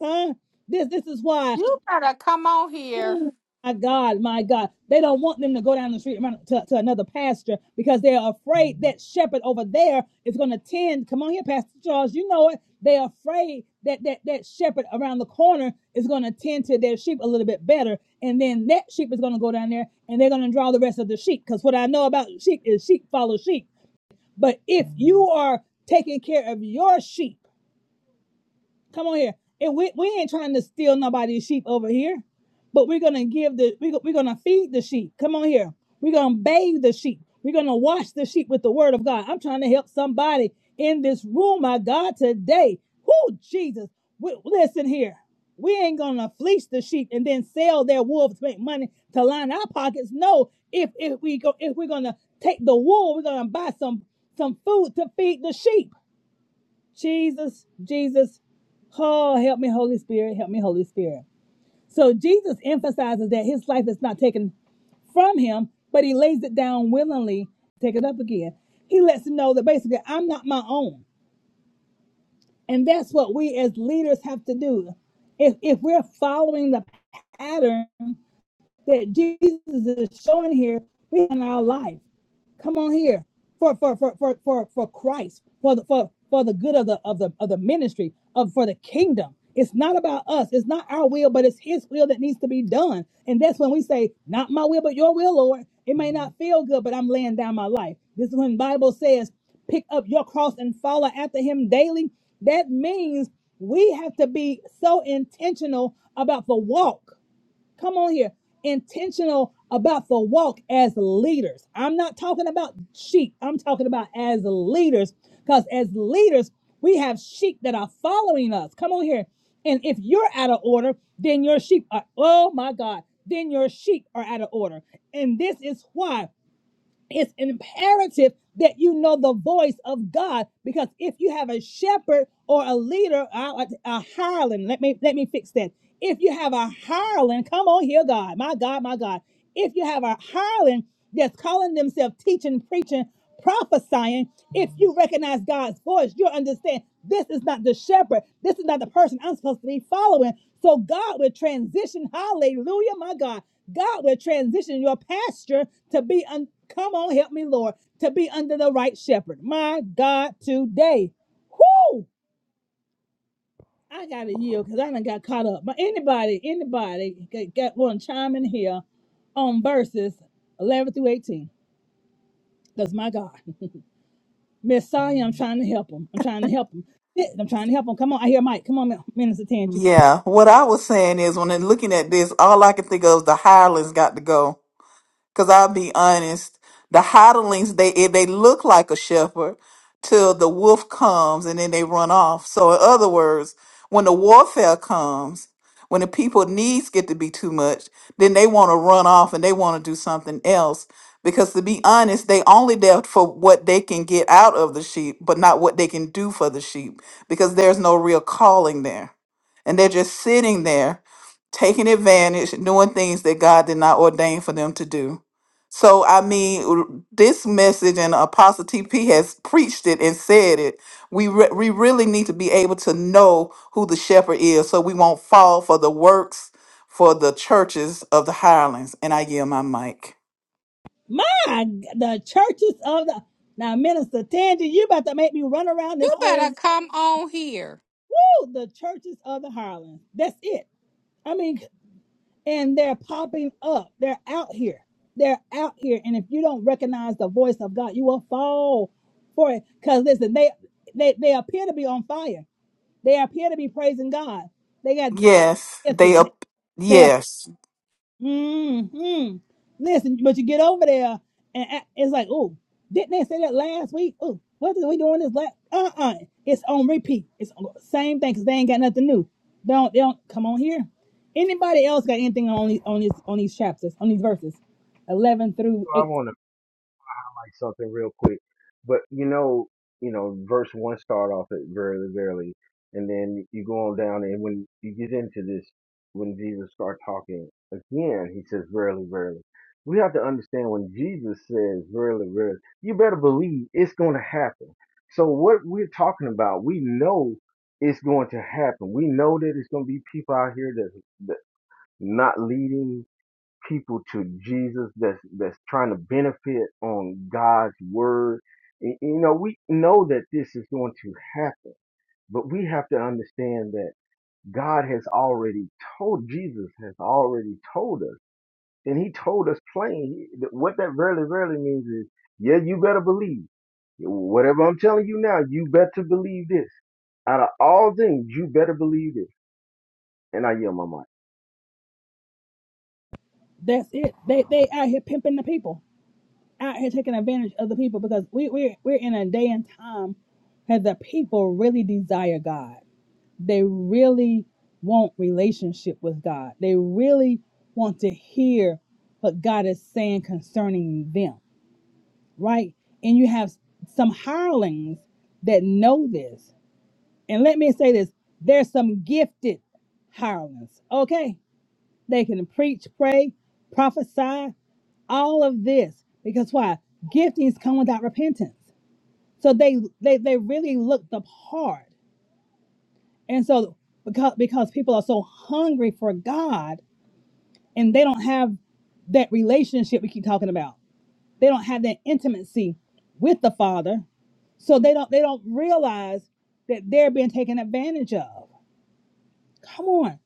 Speaker 1: Huh? This this is why.
Speaker 8: You better come on here.
Speaker 1: My God, my God. They don't want them to go down the street to, to another pasture because they're afraid that shepherd over there is going to tend. Come on here, Pastor Charles. You know it. They're afraid that that, that shepherd around the corner is going to tend to their sheep a little bit better. And then that sheep is going to go down there and they're going to draw the rest of the sheep. Because what I know about sheep is sheep follow sheep. But if you are taking care of your sheep, Come on here. And we, we ain't trying to steal nobody's sheep over here, but we're gonna give the we, we're gonna feed the sheep. Come on here. We're gonna bathe the sheep. We're gonna wash the sheep with the word of God. I'm trying to help somebody in this room, my God, today. Who Jesus? We, listen here. We ain't gonna fleece the sheep and then sell their wool to make money to line our pockets. No, if if we go if we're gonna take the wool, we're gonna buy some some food to feed the sheep. Jesus, Jesus. Oh, help me, Holy Spirit. Help me, Holy Spirit. So Jesus emphasizes that his life is not taken from him, but he lays it down willingly, take it up again. He lets him know that basically I'm not my own. And that's what we as leaders have to do. If if we're following the pattern that Jesus is showing here in our life. Come on here for for for for for, for Christ, for the for for the good of the of the of the ministry of for the kingdom. It's not about us. It's not our will, but it's His will that needs to be done. And that's when we say, "Not my will, but Your will, Lord." It may not feel good, but I'm laying down my life. This is when the Bible says, "Pick up your cross and follow after Him daily." That means we have to be so intentional about the walk Come on here. Intentional about the walk as leaders. I'm not talking about sheep. I'm talking about as leaders. Because as leaders, we have sheep that are following us. Come on here. And if you're out of order, then your sheep are, oh my God, then your sheep are out of order. And this is why it's imperative that you know the voice of God because if you have a shepherd or a leader, a, a hireling, let me let me fix that. If you have a hireling, come on here, God, my God, my God. If you have a hireling that's calling themselves teaching, preaching, prophesying, if you recognize God's voice, you'll understand this is not the shepherd. This is not the person I'm supposed to be following. So God will transition, hallelujah, my God God will transition your pasture to be un- come on, help me, Lord, to be under the right shepherd. My God, today. Whoo! I gotta yield because I done got caught up. But anybody, anybody got, got one chime in here on verses 11 through 18. Because my God, Miss Sonya, I'm trying to help him. I'm trying to help him. I'm trying to help him. Come on, I hear Mike. Come on, Minister Tangi.
Speaker 3: Yeah, what I was saying is when I'm looking at this, all I can think of is the hirelings got to go Cause I'll be honest, the hodlings they eh, they look like a shepherd till the wolf comes and then they run off. So in other words, when the warfare comes, when the people needs get to be too much, then they want to run off and they want to do something else. Because to be honest, they only there for what they can get out of the sheep, but not what they can do for the sheep. Because there's no real calling there. And they're just sitting there taking advantage, doing things that God did not ordain for them to do. So I mean, r- this message and Apostle TP has preached it and said it. We re- we really need to be able to know who the shepherd is, so we won't fall for the works for the churches of the hirelings. And I yield my mic.
Speaker 1: My, the churches of the now, Minister Tangi, you about to make me run around this
Speaker 8: You
Speaker 1: whole
Speaker 8: better come on here.
Speaker 1: Oh, the churches of the Highlands. That's it. I mean, and they're popping up. They're out here. They're out here. And if you don't recognize the voice of God, you will fall for it. Because listen, they, they they appear to be on fire. They appear to be praising God. They got
Speaker 3: Yes,
Speaker 1: listen.
Speaker 3: they up.
Speaker 1: They
Speaker 3: Yes.
Speaker 1: Mm-hmm. Listen, but you get over there, and a- it's like, oh, didn't they say that last week? Oh, what are we doing this last? Uh-uh. It's on repeat. It's on, same thing because they ain't got nothing new. They don't. They don't come on here. Anybody else got anything on these on these on these chapters on these verses, eleven through
Speaker 5: I
Speaker 1: eight?
Speaker 5: want to something real quick. But you know, you know, verse one start off at verily, verily, and then you go on down, and when you get into this, when Jesus start talking again, he says verily, verily. We have to understand when Jesus says verily, verily, you better believe it's going to happen. So what we're talking about, we know it's going to happen. We know that it's going to be people out here that that not leading people to Jesus that's that's trying to benefit on God's word. You know, we know that this is going to happen, but we have to understand that God has already told Jesus has already told us, and He told us plain. What that really, really means is, yeah, you better believe whatever I'm telling you now. You better believe this. Out of all things, you better believe this. And I yell my
Speaker 1: That's it. They they out here pimping the people, out here taking advantage of the people because we we're we're in a day and time that the people really desire God. they really want relationship with God. They really want to hear what God is saying concerning them, right? And you have some hirelings that know this. And let me say this there's some gifted hirelings, okay? They can preach, pray, prophesy, all of this. Because why? Giftings come without repentance. So they they, they really look the part And so because because people are so hungry for God and they don't have that relationship we keep talking about. They don't have that intimacy with the Father. So they don't they don't realize that they're being taken advantage of. Come on.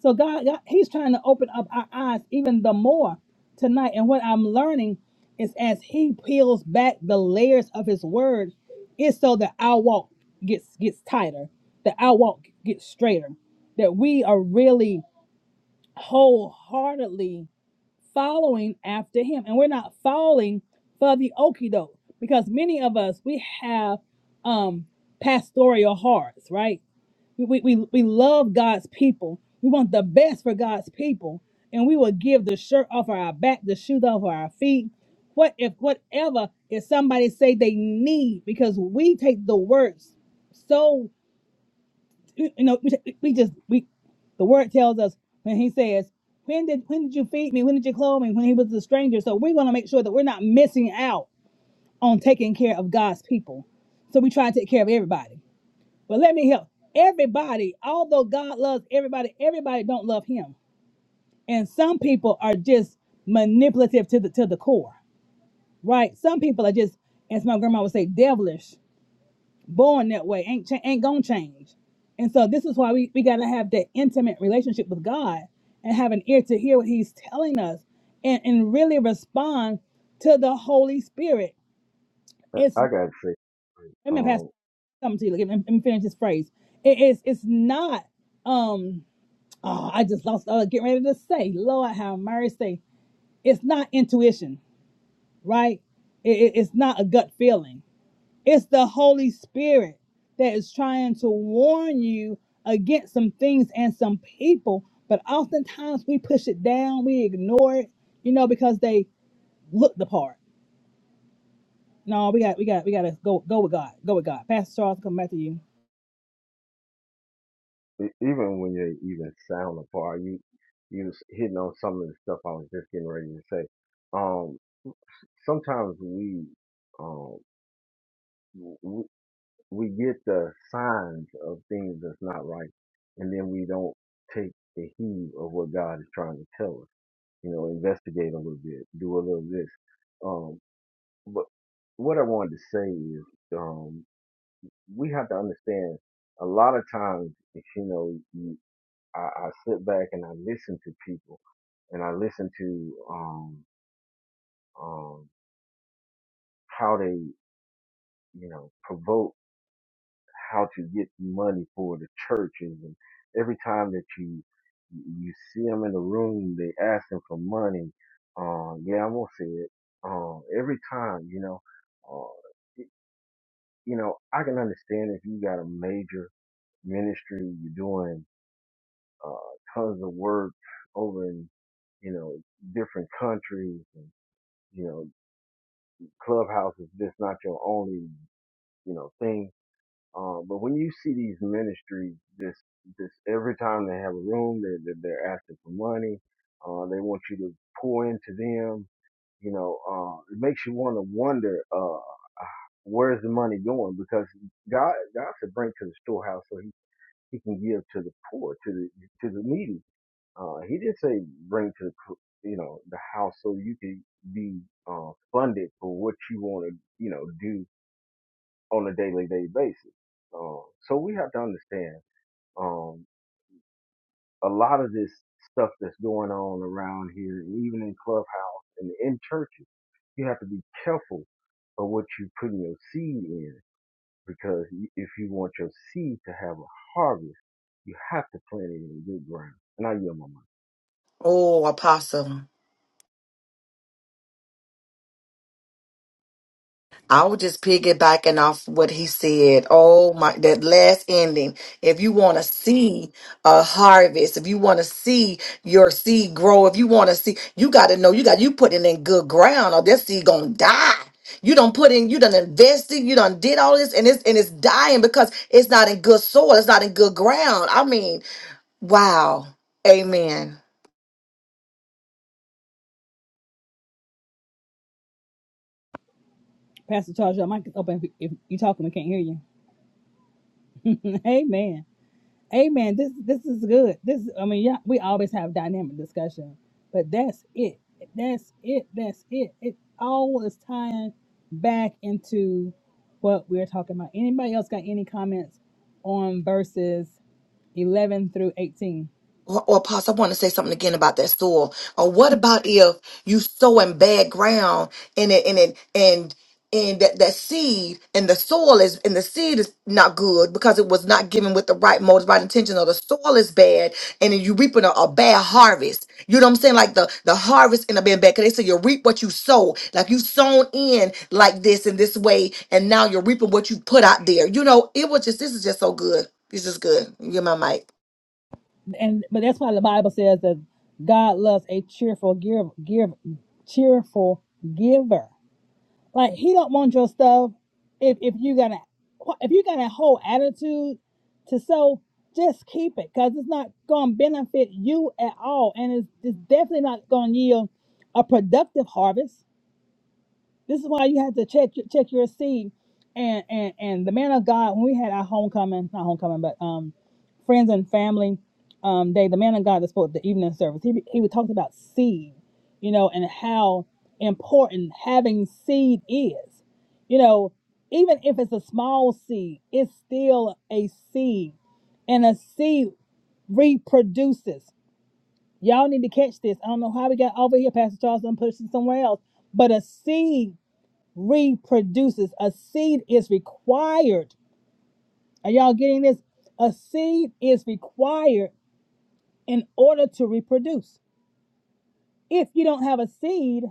Speaker 1: So God, God, He's trying to open up our eyes even the more tonight. And what I'm learning is as He peels back the layers of His Word, it's so that our walk gets gets tighter, that our walk gets straighter, that we are really wholeheartedly following after him and we're not falling for the okie doke because many of us we have um pastoral hearts right we, we, we we love god's people we want the best for god's people and we will give the shirt off our back the shoes off our feet what if whatever if somebody say they need because we take the words so you know, we, we just we the word tells us when he says, "When did when did you feed me? When did you clothe me? When he was a stranger." So we want to make sure that we're not missing out on taking care of God's people. So we try to take care of everybody. But let me help everybody. Although God loves everybody, everybody don't love Him, and some people are just manipulative to the to the core, right? Some people are just, as my grandma would say, devilish born that way ain't cha- ain't gonna change and so this is why we, we gotta have that intimate relationship with god and have an ear to hear what he's telling us and, and really respond to the holy spirit
Speaker 5: mic.
Speaker 1: it's
Speaker 5: I, I gotta say.
Speaker 1: let me pass
Speaker 5: um,
Speaker 1: something to you let me, let me finish this phrase it is it's not um oh, i just lost uh, getting ready to say lord have mercy it's not intuition right It- it- it's not a gut feeling It's the Holy Spirit that is trying to warn you against some things and some people, but oftentimes we push it down, we ignore it, you know, because they look the part. No, we got, we got, we got to go, go with God, go with God. Pastor Charles, come back to you.
Speaker 5: e- even when you even sound apart, you you was hitting on some of the stuff I was just getting ready to say. Um, sometimes we um we, we get the signs of things that's not right, and then we don't take the heed of what God is trying to tell us. You know, investigate a little bit, do a little this. Um, but what I wanted to say is, um, we have to understand a lot of times, you know, I, I sit back and I listen to people and I listen to um um how they you know provoke how to get money for the churches and every time that you you see them in the room they asking for money um yeah I'm gonna say it um every time you know uh y- you know I can understand if you got a major ministry you're doing uh tons of work over in you know different countries You know, Clubhouse is just not your only, you know, thing. Um, but when you see these ministries, this, this every time they have a room, they're, they're, they're asking for money. Uh, they want you to pour into them. You know, uh, it makes you want to wonder, uh, where's the money going? Because God, God should bring to the storehouse so he, he can give to the poor, to the, to the needy uh, he did say bring to the, cl- you know, the house so you can be uh, funded for what you want to, you know, do on a daily day basis. Uh, so we have to understand um, a lot of this stuff that's going on around here, and even in clubhouse and in churches, you have to be careful of what you putting your seed in because y- if you want your seed to have a harvest, you have to plant it in good ground. And I yield my mind.
Speaker 9: Oh, Apostle. I was just piggybacking off what he said. Oh my that last ending. If you want to see a harvest, if you want to see your seed grow, if you want to see, you gotta know you got you put it in good ground or that seed gonna die. You don't put in, you done invested, you done did all this, and it's and it's dying because it's not in good soil, it's not in good ground. I mean, wow. Amen.
Speaker 1: Pastor Charles, your mic is open. If, if you talking, we can't hear you. Amen. Amen. This this is good. This I mean, yeah, we always have dynamic discussion, but that's it. That's it. That's it. It all is tying back into what we're talking about. Anybody else got any comments on verses eleven through eighteen?
Speaker 9: Or, or Apostle, I want to say something again about that soil. Or what about if you sow in bad ground and it and it and and that, that seed and the soil is and the seed is not good because it was not given with the right motives, right intention. or the soil is bad, and then you reaping a, a bad harvest. You know what I'm saying? Like the the harvest in a bad bad. Cause they say you reap what you sow. Like you sown in like this in this way, and now you're reaping what you put out there. You know, it was just this is just so good. This is good. Get my mic.
Speaker 1: And but that's why the Bible says that God loves a cheerful give, give cheerful giver. Like he don't want your stuff if if you got a if you got a whole attitude to so just keep it because it's not gonna benefit you at all and it's, it's definitely not gonna yield a productive harvest this is why you have to check your- check your seed. And and and the man of God, when we had our homecoming, not homecoming, but um, friends and family um day, the man of God that spoke the evening service, he he would talk about seed, you know, and how important having seed is. You know, even if it's a small seed, it's still a seed, and a seed reproduces. Y'all need to catch this. I don't know how we got over here, Pastor Charles, and pushed it somewhere else. But a seed reproduces. A seed is required. Are y'all getting this? A seed is required in order to reproduce. If you don't have a seed,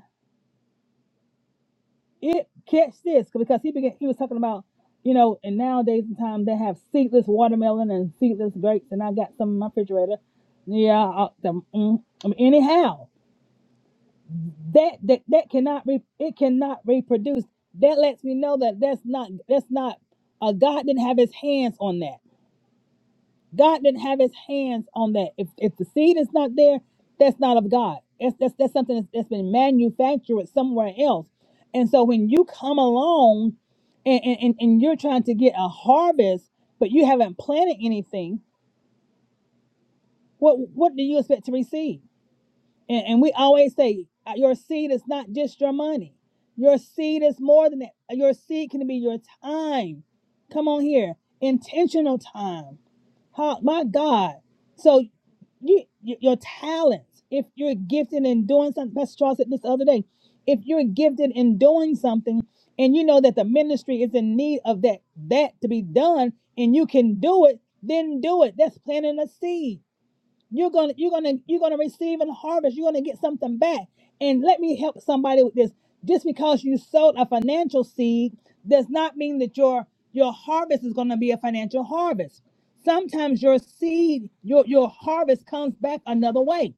Speaker 1: it catch this because he began, he was talking about you know, and nowadays in time they have seedless watermelon and seedless grapes, and I got some in my refrigerator. Yeah, I, the, mm, I mean, anyhow, that that that cannot re, it cannot reproduce. That lets me know that that's not that's not a God didn't have his hands on that. God didn't have his hands on that. If if the seed is not there, that's not of God. That's that's, that's something that's, that's been manufactured somewhere else. And so when you come along and, and, and and you're trying to get a harvest, but you haven't planted anything, what what do you expect to receive? And, and we always say uh, your seed is not just your money. Your seed is more than that. Your seed can be your time. Come on here. Intentional time. How, my God. so you, you your talents. If you're gifted in doing something, Pastor Charles said this the other day. If you're gifted in doing something, and you know that the ministry is in need of that that to be done, and you can do it, then do it. That's planting a seed you're gonna you're gonna you're gonna receive and harvest. You're gonna get something back. And let me help somebody with this. Just because you sowed a financial seed does not mean that your your harvest is gonna be a financial harvest. Sometimes your seed, your your harvest comes back another way.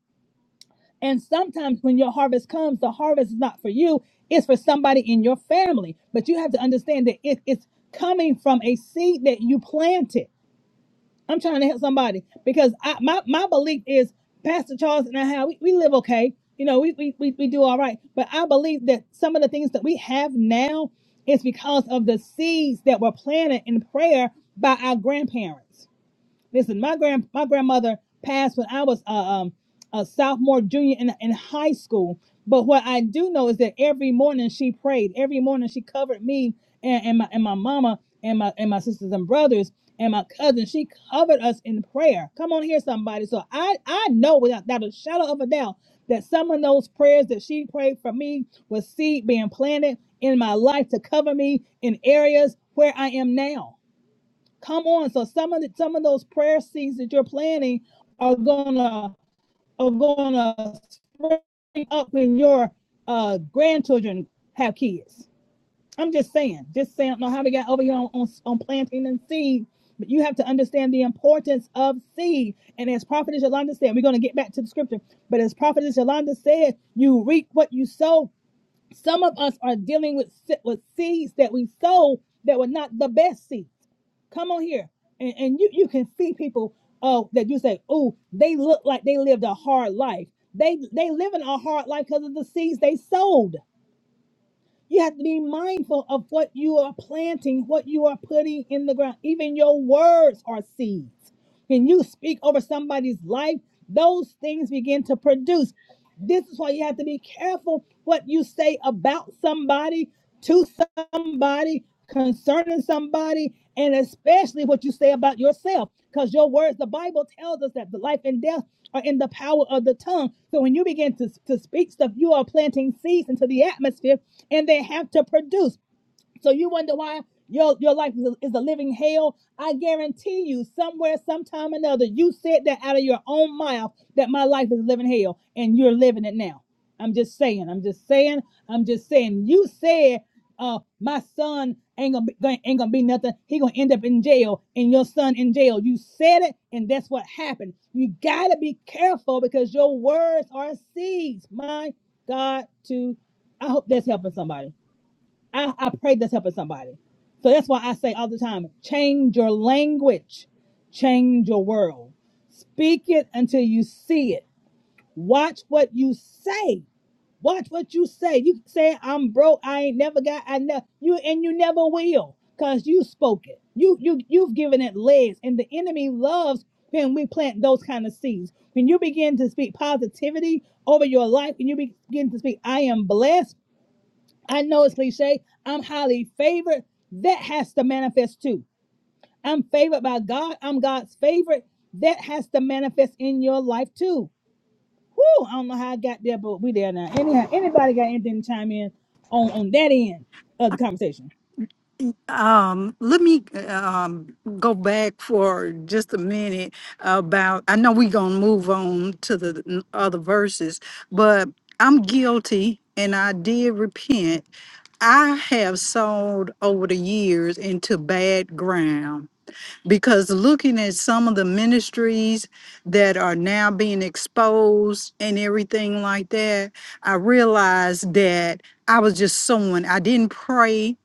Speaker 1: And sometimes when your harvest comes, the harvest is not for you, it's for somebody in your family. But you have to understand that it, it's coming from a seed that you planted. I'm trying to help somebody because I, my, my belief is Pastor Charles and I have we, we live okay. You know, we, we we we do all right. But I believe that some of the things that we have now is because of the seeds that were planted in prayer by our grandparents Listen, my grand my grandmother passed when I was uh, um, a sophomore, junior in, in high school. But what I do know is that every morning she prayed. Every morning she covered me and, and my and my mama and my and my sisters and brothers and my cousins. She covered us in prayer. Come on here, somebody. So I I know without, without a shadow of a doubt that some of those prayers that she prayed for me was seed being planted in my life to cover me in areas where I am now. Come on. So some of the, some of those prayer seeds that you're planting are gonna are gonna spring up when your uh grandchildren have kids. I'm just saying, just saying. I don't know how we got over here on, on, on planting and seed, but you have to understand the importance of seed. And as Prophet Yolanda said, we're gonna get back to the scripture. But as Prophet Yolanda said, you reap what you sow. Some of us are dealing with with seeds that we sow that were not the best seeds Come on here. And, and you, you can see people Oh, that you say, oh, they look like they lived a hard life. They they living a hard life because of the seeds they sowed. You have to be mindful of what you are planting, what you are putting in the ground. Even your words are seeds. When you speak over somebody's life, those things begin to produce. This is why you have to be careful what you say about somebody, to somebody, concerning somebody, and especially what you say about yourself. Because your words, the Bible tells us that the life and death are in the power of the tongue. So when you begin to, to speak stuff, you are planting seeds into the atmosphere and they have to produce. So you wonder why your your life is a, is a living hell. I guarantee you, somewhere, sometime, or another, you said that out of your own mouth that my life is a living hell, and you're living it now. I'm just saying. I'm just saying. I'm just saying. You said, uh, my son ain't gonna be, ain't gonna be nothing. He gonna end up in jail, and your son in jail. You said it, and that's what happened. You gotta be careful because your words are seeds. My God, to I hope that's helping somebody. I, I pray that's helping somebody. So that's why I say all the time, change your language, change your world. Speak it until you see it. Watch what you say. Watch what you say. You say I'm broke. I ain't never got. I know you, and you never will, cause you spoke it. You you you've given it legs, and the enemy loves when we plant those kind of seeds. When you begin to speak positivity over your life, and you begin to speak, I am blessed. I know it's cliche. I'm highly favored. That has to manifest too. I'm favored by God. I'm God's favorite. That has to manifest in your life too. Whoo! I don't know how I got there, but we there now. Anyhow, anybody got anything to chime in on on that end of the conversation?
Speaker 6: Um, let me um, go back for just a minute about. I know we're gonna move on to the n- other verses, but I'm guilty and I did repent. I have sold over the years into bad ground because looking at some of the ministries that are now being exposed and everything like that, I realized that I was just sowing. I didn't pray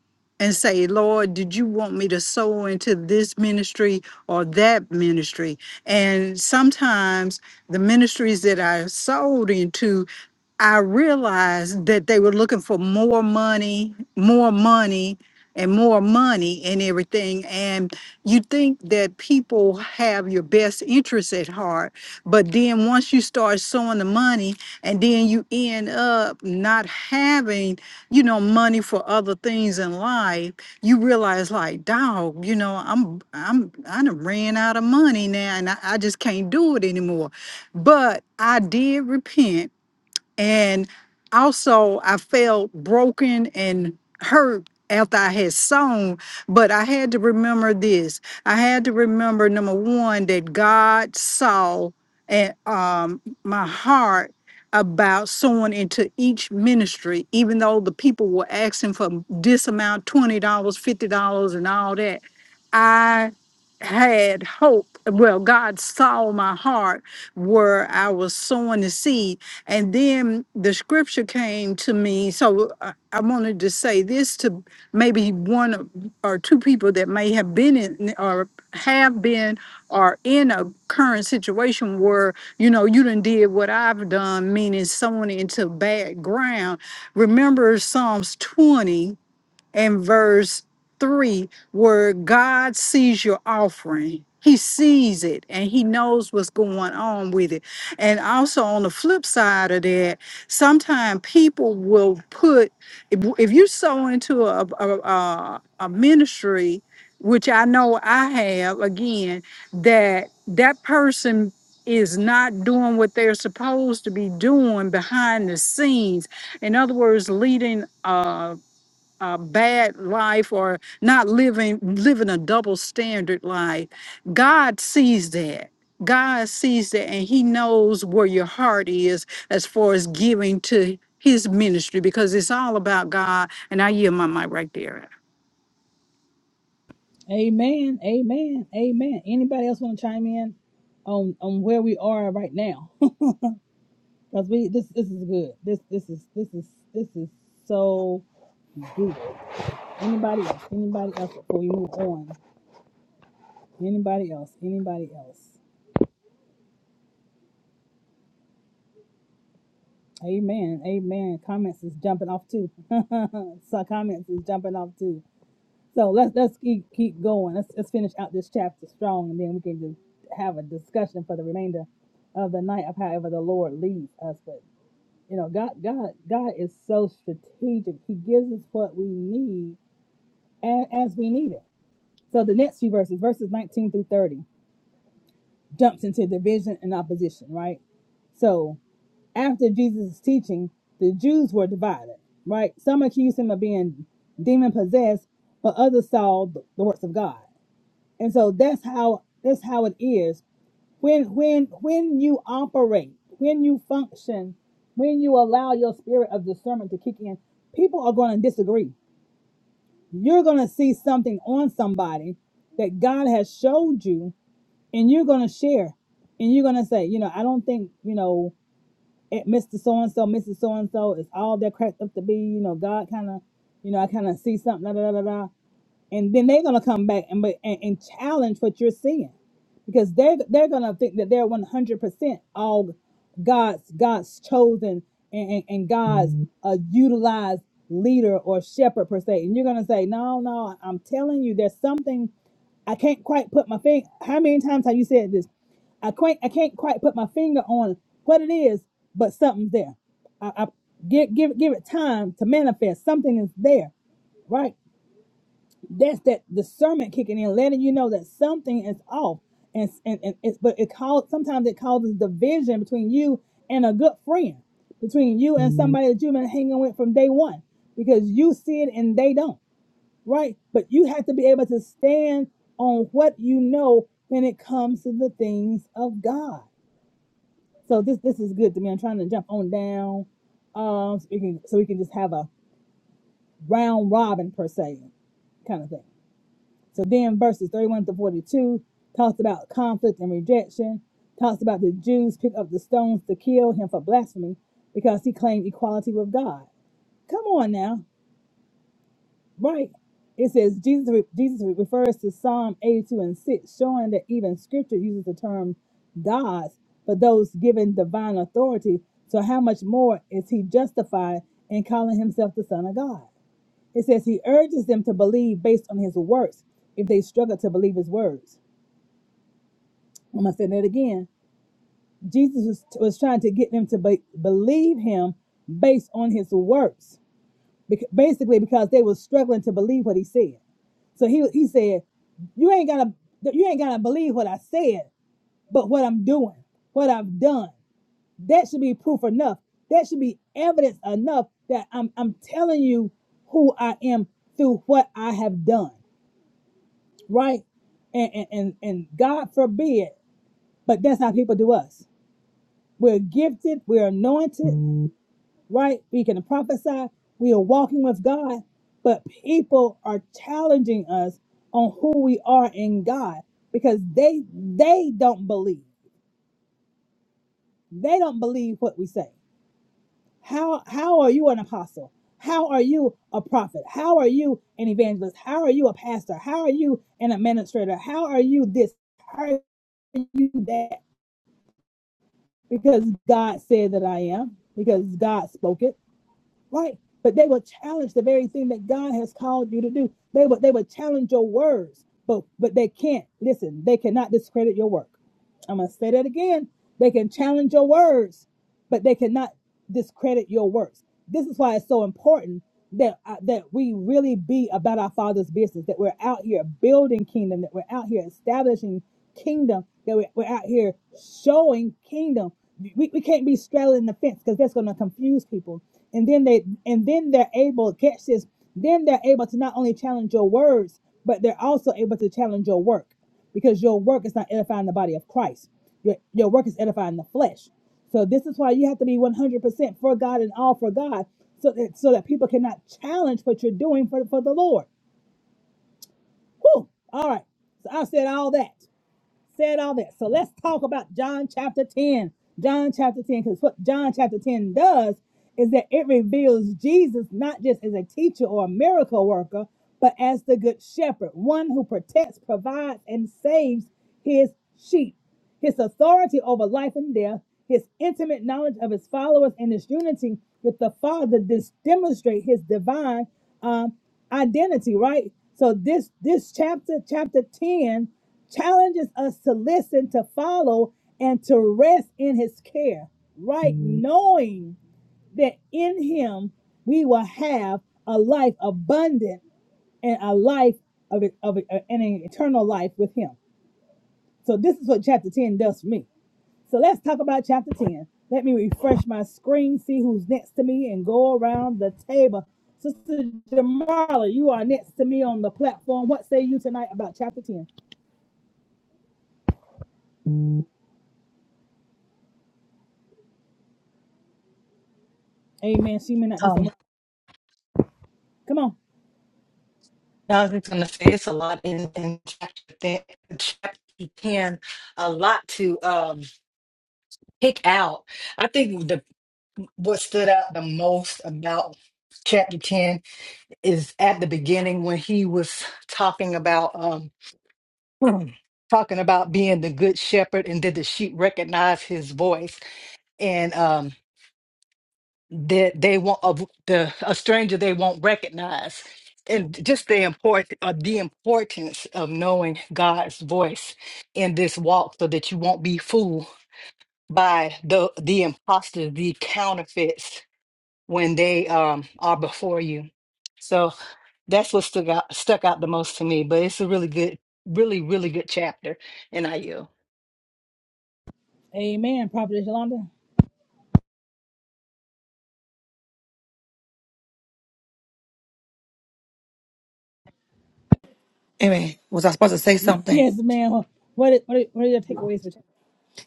Speaker 6: and say, Lord, did you want me to sow into this ministry or that ministry? And sometimes the ministries that I sold into I realized that they were looking for more money, more money, and more money and everything. And you think that people have your best interests at heart, but then once you start sowing the money, and then you end up not having, you know, money for other things in life, you realize like, dog, you know, I'm I'm I done ran out of money now, and I, I just can't do it anymore. But I did repent and also, I felt broken and hurt after I had sown, but I had to remember this. I had to remember number one that God saw and um, my heart about sowing into each ministry, even though the people were asking for this amount, twenty dollars, fifty dollars, and all that. I had hope. Well, God saw my heart where I was sowing the seed and then the scripture came to me. So I, I wanted to say this to maybe one of- or two people that may have been in or have been or in a current situation where, you know, you done did what I've done, meaning someone into bad ground. Remember Psalms 20 and verse 3 where God sees your offering. He sees it and he knows what's going on with it. And also on the flip side of that, sometimes people will put if, if you sow into a a, a a ministry, which I know I have again, that that person is not doing what they're supposed to be doing behind the scenes. In other words, leading uh, a bad life or not living living a double standard life god sees that god sees that and he knows where your heart is as far as giving to his ministry because it's all about god and i yield my mic right there
Speaker 1: Amen. Amen. Amen. Anybody else want to chime in on on where we are right now? Because we this this is good. This this is this is this is so good. Anybody else? Anybody else before we move on? Anybody else? Anybody else? Amen. Amen. Comments is jumping off too. so comments is jumping off too. So let's let's keep keep going. Let's let's finish out this chapter strong, and then we can just have a discussion for the remainder of the night of however the Lord leads us. But you know, God God God is so strategic. He gives us what we need as, as we need it. So the next few verses, verses 19 through 30, jumps into division and opposition, right? So. after Jesus' teaching, the Jews were divided, right? Some accused him of being demon possessed, but others saw the the works of God. And so that's how that's how it is. When when when you operate, when you function, when you allow your spirit of discernment to kick in, people are going to disagree. You're going to see something on somebody that God has showed you, and you're going to share, and you're going to say, you know, I don't think, you know, eh, Mr. So and so, Mrs. So and so it's all that are cracked up to be. You know, God kind of, you know, I kind of see something, da da da da da and then they're gonna come back and, and and challenge what you're seeing, because they're they're gonna think that they're 100 percent all God's God's chosen and and, and God's Mhm. uh, utilized leader or shepherd per se, and you're gonna say, no, no, I'm telling you, there's something I can't quite put my finger. How many times have you said this? I can't I can't quite put my finger on what it is, but something's there. I, I give give give it time to manifest. Something is there, right? that's that discernment kicking in, letting you know that something is off. And, and, and it's but it calls sometimes it causes division between you and a good friend, between you and somebody that you've been hanging with from day one, because you see it and they don't, right? But you have to be able to stand on what you know when it comes to the things of God. So this this is good to me. I'm trying to jump on down, um, so we can so we can just have a round robin per se kind of thing. So then verses 31 to 42 talks about conflict and rejection, talks about the Jews pick up the stones to kill him for blasphemy because he claimed equality with God. Come on now, right? It says Jesus, Jesus refers to Psalm 82 and 6, showing that even scripture uses the term gods for those given divine authority. So, how much more is he justified in calling himself the Son of God? It says he urges them to believe based on his works if they struggle to believe his words. I'm gonna say that again. Jesus was, was trying to get them to be, believe him based on his works, Bec- basically because they were struggling to believe what he said. So he he said, "You ain't gotta you ain't gotta believe what I said, but what I'm doing, what I've done, that should be proof enough. That should be evidence enough that I'm I'm telling you who I am through what I have done, right? And and and, and God forbid, but that's how people do us We're gifted, we're anointed, right? We can prophesy, we are walking with God, but people are challenging us on who we are in God because they they don't believe. They don't believe what we say. How how are you an apostle? How are you a prophet? How are you an evangelist? How are you a pastor? How are you an administrator? How are you this? How are you that? Because God said that I am, because God spoke it right? But they will challenge the very thing that God has called you to do. They will they will challenge your words, but but they can't listen. They cannot discredit your work. I'm gonna say that again. They can challenge your words, but they cannot discredit your works. This is why it's so important that uh, that we really be about our Father's business. That we're out here building kingdom. That we're out here establishing kingdom. That we're, we're out here showing kingdom. We, we can't be straddling the fence because that's going to confuse people. And then they and then they're able catch this. Then they're able to not only challenge your words, but they're also able to challenge your work because your work is not edifying the body of Christ. Your your work is edifying the flesh. So this is why you have to be 100% for God and all for God, so that so that people cannot challenge what you're doing for for the Lord. Whew. All right. So I said all that said all that. So let's talk about John chapter 10. John chapter 10, because what John chapter 10 does is that it reveals Jesus not just as a teacher or a miracle worker, but as the good shepherd, one who protects, provides, and saves his sheep. His authority over life and death, his intimate knowledge of his followers, and his unity with the Father dis- demonstrate his divine um, identity. Right. So this this chapter, chapter ten, challenges us to listen, to follow, and to rest in his care, right? Mhm. Knowing that in him we will have a life abundant and a life of, of uh, an eternal life with him. So this is what chapter 10 does for me. So let's talk about chapter 10. Let me refresh my screen, see who's next to me, and go around the table. Sister Jamala, you are next to me on the platform. What say you tonight about chapter 10? Amen. She may not be
Speaker 2: Um,
Speaker 1: somewhere. Come on.
Speaker 2: I was just gonna say it's a lot in, in chapter, th- chapter ten, a lot to um pick out. I think the what stood out the most about chapter ten is at the beginning when he was talking about um talking about being the good shepherd and did the sheep recognize his voice. And um, that they won't of the, a stranger they won't recognize and just the import uh, the importance of knowing God's voice in this walk so that you won't be fooled by the the imposters the counterfeits when they um are before you so that's what stuck out stuck out the most to me but it's a really good really really good chapter and I yield
Speaker 1: Amen, Prophet Yolanda.
Speaker 9: Amen. Was I supposed to say something?
Speaker 1: Yes, ma'am. What is, what are, what are your takeaways for? today?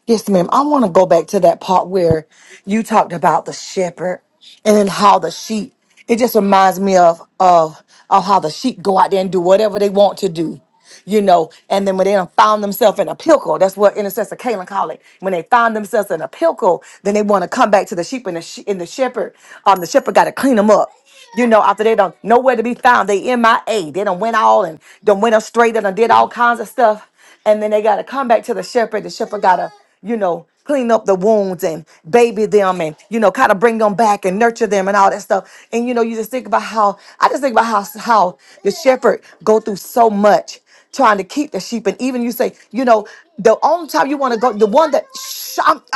Speaker 9: Yes, ma'am. I want to go back to that part where you talked about the shepherd and then how the sheep. It just reminds me of of of how the sheep go out there and do whatever they want to do, you know. And then when they done found themselves in a pickle, that's what intercessor Kaylin call it. When they found themselves in a pickle, then they want to come back to the sheep and the she- and the shepherd. Um, the shepherd got to clean them up. You know, after they don't nowhere to be found, they MIA. They done went all and done went astray. They done did all kinds of stuff and then they got to come back to the shepherd. The shepherd got to, you know, clean up the wounds and baby them and, you know, kind of bring them back and nurture them and all that stuff. And, you know, you just think about how, I just think about how, how the shepherd go through so much trying to keep the sheep. And even you say, you know, the only time you want to go, the one that, shh, I'm-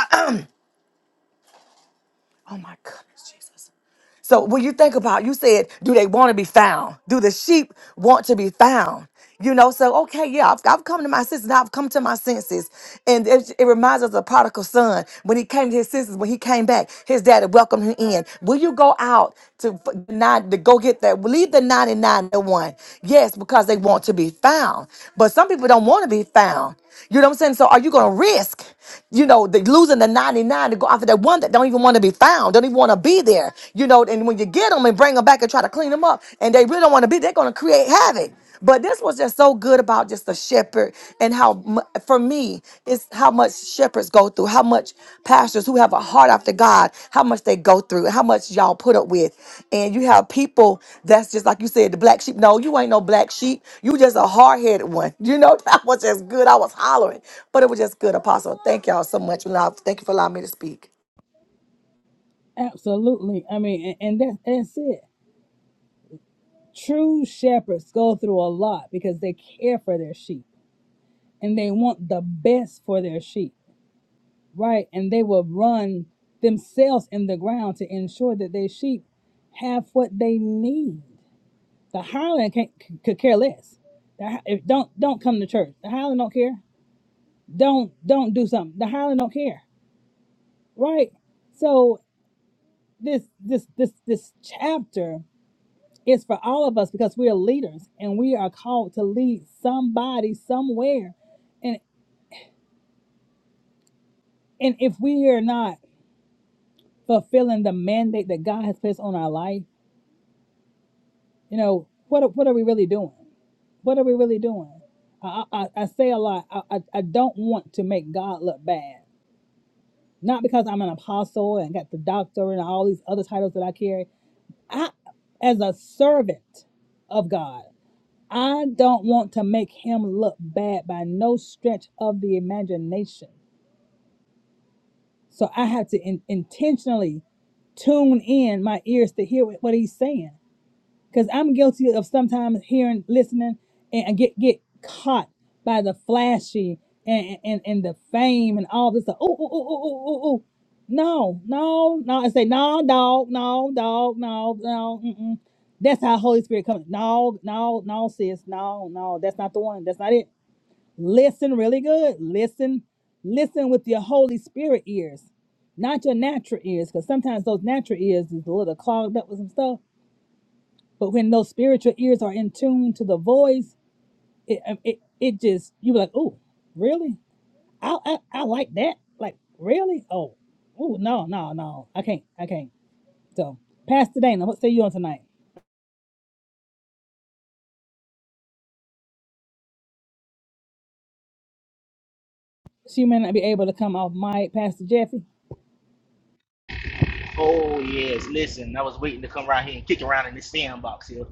Speaker 9: oh my goodness, Jesus. So when you think about, you said, do they want to be found? Do the sheep want to be found? You know, so okay, yeah, I've, I've come to my senses. Now I've come to my senses, and it, it reminds us of the prodigal son when he came to his senses. When he came back, his daddy welcomed him in. Will you go out to f- nine to go get that? Leave the ninety nine the one. Yes, because they want to be found. But some people don't want to be found. You know what I'm saying? So are you going to risk, you know, the, losing the ninety nine to go after that one that don't even want to be found? around, don't even want to be there, you know. And when you get them and bring them back and try to clean them up, and they really don't want to be, they're going to create havoc. But this was just so good about just the shepherd and how, mu- for me, it's how much shepherds go through, how much pastors who have a heart after God, how much they go through, how much y'all put up with. And you have people that's just like you said, the black sheep. No, you ain't no black sheep. You just a hard headed one. You know, that was just good. I was hollering, but it was just good, Apostle. Thank y'all so much. Love. Thank you for allowing me to speak.
Speaker 1: Absolutely. I mean, and, and that's that's it. True shepherds go through a lot because they care for their sheep and they want the best for their sheep, right? And they will run themselves in the ground to ensure that their sheep have what they need. The hireling can't, c- could care less. The, hi- if, don't don't come to church. The hireling don't care. Don't don't do something. The hireling don't care, right? So. this this this this chapter is for all of us because we are leaders and we are called to lead somebody somewhere and and if we are not fulfilling the mandate that god has placed on our life you know what are- what are we really doing what are we really doing i i, I say a lot I, I i don't want to make god look bad not because i'm an apostle and got the doctor and all these other titles that i carry i as a servant of god I don't want to make him look bad by no stretch of the imagination. So I have to in- intentionally tune in my ears to hear what what he's saying because I'm guilty of sometimes hearing, listening, and I get get caught by the flashy and and and the fame and all this. stuff. Oh oh oh oh oh oh. No, no, no. I say no, dog, no, dog, no, no. Mm-mm. That's how Holy Spirit comes. No, no, no, sis, no, no. That's not the one. That's not it. Listen really good. Listen, listen with your Holy Spirit ears, not your natural ears, because sometimes those natural ears is a little clogged up with some stuff but when those spiritual ears are in tune to the voice, it um, it, it just you be like, oh, really? I, I I like that. Like really? Oh, oh no no no, I can't I can't. So Pastor Dana, what say you on tonight? She may not be able to come off mic, Pastor Jeffy.
Speaker 10: Oh yes, listen, I was waiting to come around here and kick around in this sandbox here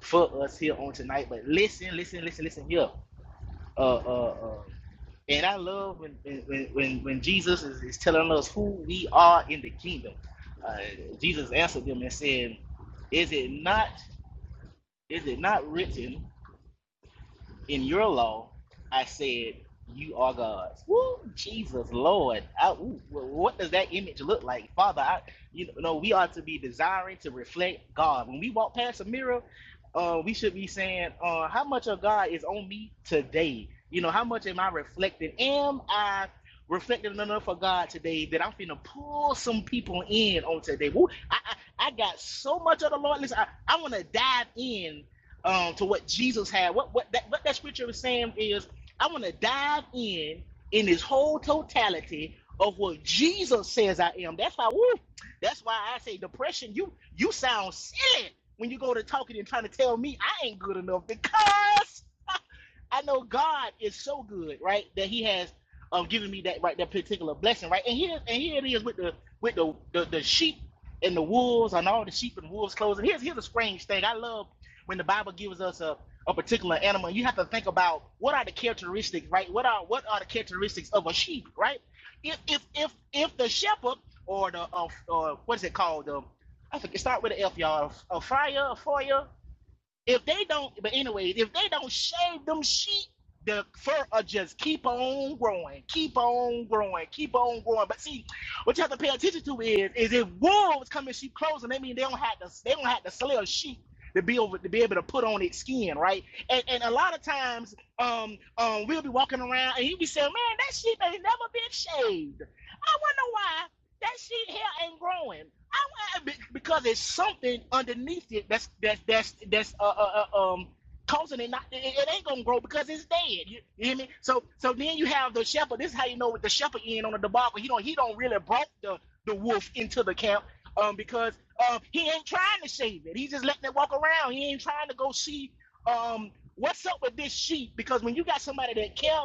Speaker 10: for us here on tonight. But listen, listen, listen, listen here. Uh, uh, uh. And I love when when when, when Jesus is, is telling us who we are in the kingdom. Uh, Jesus answered them and said, "Is it not is it not written? in your law, I said, You are God." Woo, Jesus, Lord. I, ooh, well, what does that image look like? Father, I, you know, no, we ought to be desiring to reflect God. When we walk past a mirror, uh, we should be saying, uh, How much of God is on me today? You know, how much am I reflecting? Am I reflecting enough of God today that I'm finna pull some people in on today? Woo, I, I, I got so much of the Lord. Listen, I, I want to dive in um, to what Jesus had. What what that what that scripture is saying is, I want to dive in in this whole totality of what Jesus says I am. That's why woo, that's why I say depression. You you sound silly when you go to talking and trying to tell me I ain't good enough because I know God is so good, right? That He has um given me that right that particular blessing, right? And here and here it is with the with the the, the sheep and the wolves and all the sheep and wolves clothes. And here's here's a strange thing. I love when the Bible gives us a a particular animal. You have to think about what are the characteristics, right? What are what are the characteristics of a sheep, right? If if if if the shepherd or the uh, or what is it called? Um, I think it start with an F, y'all. A fire, a foyer if they don't, but anyways, if they don't shave them sheep, the fur will just keep on growing, keep on growing, keep on growing. But see, what you have to pay attention to is, is if wolves come in sheep clothing, that means they don't have to, they don't have to slay a sheep to be over to be able to put on its skin, right? And, and a lot of times, um, um, we'll be walking around and he'll be saying, "Man, that sheep ain't never been shaved." I wonder why. That shit here ain't growing. I because it's something underneath it that's that's that's that's uh, uh, uh, um causing it not it, it ain't gonna grow because it's dead. You, you hear me? So so then you have the shepherd. This is how you know with the shepherd in on the debacle. He don't he don't really brought the the wolf into the camp um because um he ain't trying to save it. He just letting it walk around. He ain't trying to go see um what's up with this sheep because when you got somebody that care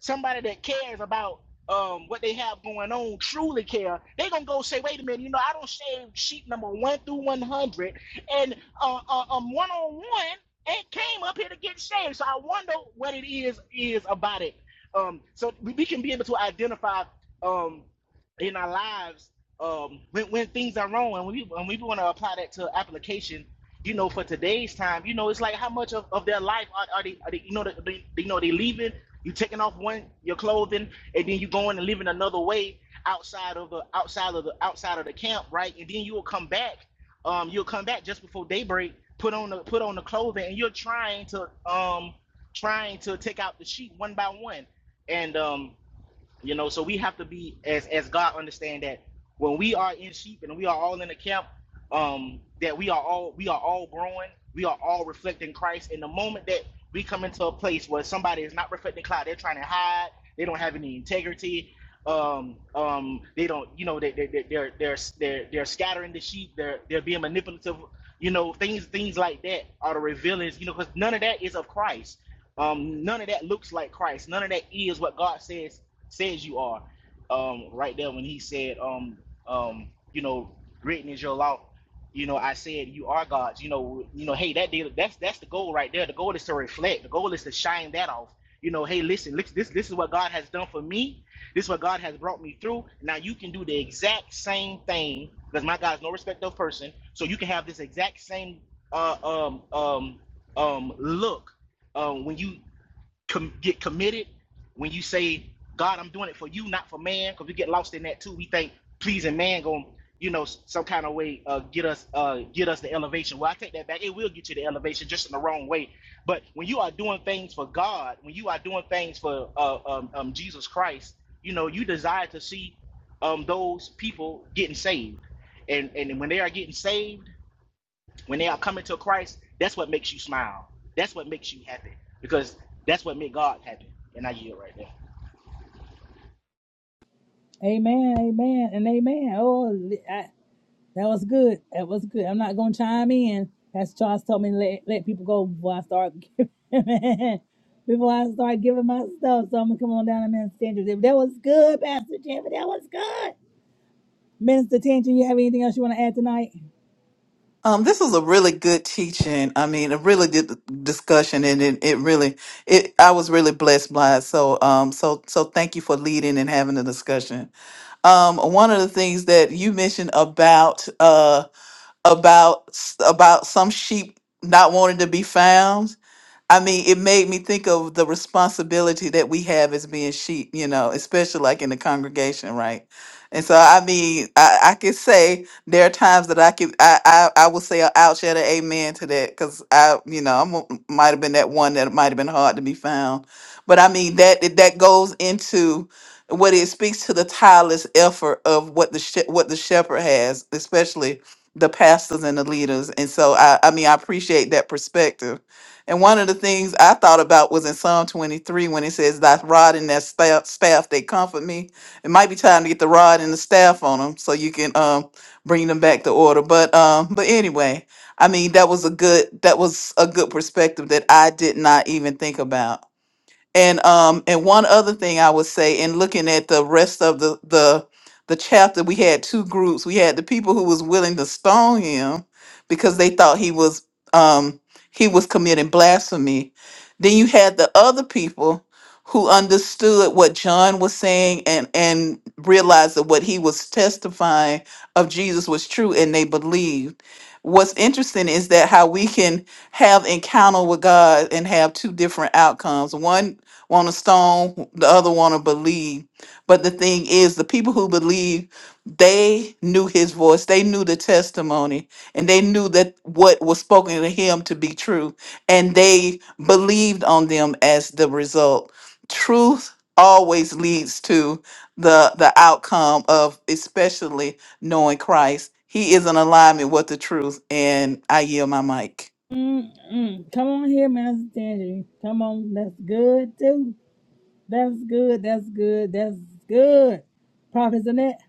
Speaker 10: somebody that cares about um, what they have going on truly care, they gonna go say, wait a minute, you know, I don't shave sheet number one through one hundred, and uh, uh, um, one on one ain't came up here to get shaved. So I wonder what it is is about it. Um, so we, we can be able to identify um in our lives um when, when things are wrong, and we and we want to apply that to application you know, for today's time, you know, it's like how much of, of their life are, are, they, are they, you know, they, you know, they leaving, you taking off one, your clothing, and then you going and living another way outside of the, outside of the, outside of the camp, right? And then you will come back, um, you'll come back just before daybreak, put on the, put on the clothing, and you're trying to, um, trying to take out the sheep one by one. And, um, you know, so we have to be as as God understand that when we are in sheep and we are all in the camp, um, that we are all we are all growing, we are all reflecting Christ. And the moment that we come into a place where somebody is not reflecting Christ, they're trying to hide, they don't have any integrity, um, um, they don't, you know, they, they, they they're they're they're they're scattering the sheep, they're they're being manipulative, you know, things things like that are the revealings, you know, because none of that is of Christ. Um, none of that looks like Christ. None of that is what God says says you are. Um, right there when he said, um, um, you know, written is your law. You know, I said you are God's. You know, you know, hey, that did, that's that's the goal right there. The goal is to reflect. The goal is to shine that off. You know, hey, listen, look, this this is what God has done for me. This is what God has brought me through. Now you can do the exact same thing because my God is no respect of person. So you can have this exact same uh, um um um look um, when you com- get committed when you say, God, I'm doing it for you, not for man, because we get lost in that too. We think pleasing man going you know, some kind of way uh, get us uh, get us the elevation. Well, I take that back. It will get you the elevation, just in the wrong way. But when you are doing things for God, when you are doing things for uh, um, um, Jesus Christ, you know, you desire to see um, those people getting saved, and and when they are getting saved when they are coming to Christ, that's what makes you smile. That's what makes you happy because that's what made God happy. And I yield right there.
Speaker 1: Amen, amen, and amen. Oh, That was good. That was good. I'm not gonna chime in. Pastor Charles told me to let let people go before I start giving before I start giving my stuff. So I'm gonna come on down and Minister Tangent. That was good, Pastor Jimmy. That was good. Minister Tangent, you have anything else you want to add tonight?
Speaker 3: Um, this was a really good teaching. I mean, a really good discussion, and it, it really, it I was really blessed by it. So, um, so so thank you for leading and having the discussion. um, one of the things that you mentioned about uh, about s- about some sheep not wanting to be found I mean, it made me think of the responsibility that we have as being sheep, you know, especially like in the congregation, right? And so, I mean, I, I could say there are times that I could, I, I, I would say, a ouch at an amen to that, because I, you know, I am might have been that one that might have been hard to be found. But I mean, that it- that goes into what it speaks to the tireless effort of what the she- what the shepherd has, especially the pastors and the leaders. And so, I, I mean, I appreciate that perspective and one of the things I thought about was in Psalm 23 when it says, Thy rod and thy staff, staff they comfort me. It might be time to get the rod and the staff on them so you can um, bring them back to order. But um, but anyway, I mean that was a good that was a good perspective that I did not even think about. And um and one other thing I would say in looking at the rest of the the the chapter we had two groups. We had the people who was willing to stone him because they thought he was um he was committing blasphemy. Then you had the other people who understood what John was saying and and realized that what he was testifying of Jesus was true and they believed. What's interesting is that how we can have encounter with God and have two different outcomes. One want to stone, the other want to believe. But the thing is, the people who believe, they knew his voice, they knew the testimony, and they knew that what was spoken to him to be true. And they believed on them as the result. Truth always leads to the the outcome of especially knowing Christ. He is in alignment with the truth. And I yield my mic.
Speaker 1: Mm-mm. Come on here, Minister Tangent. Come on. That's good too. That's good. That's good. That's good. Prophet Annette.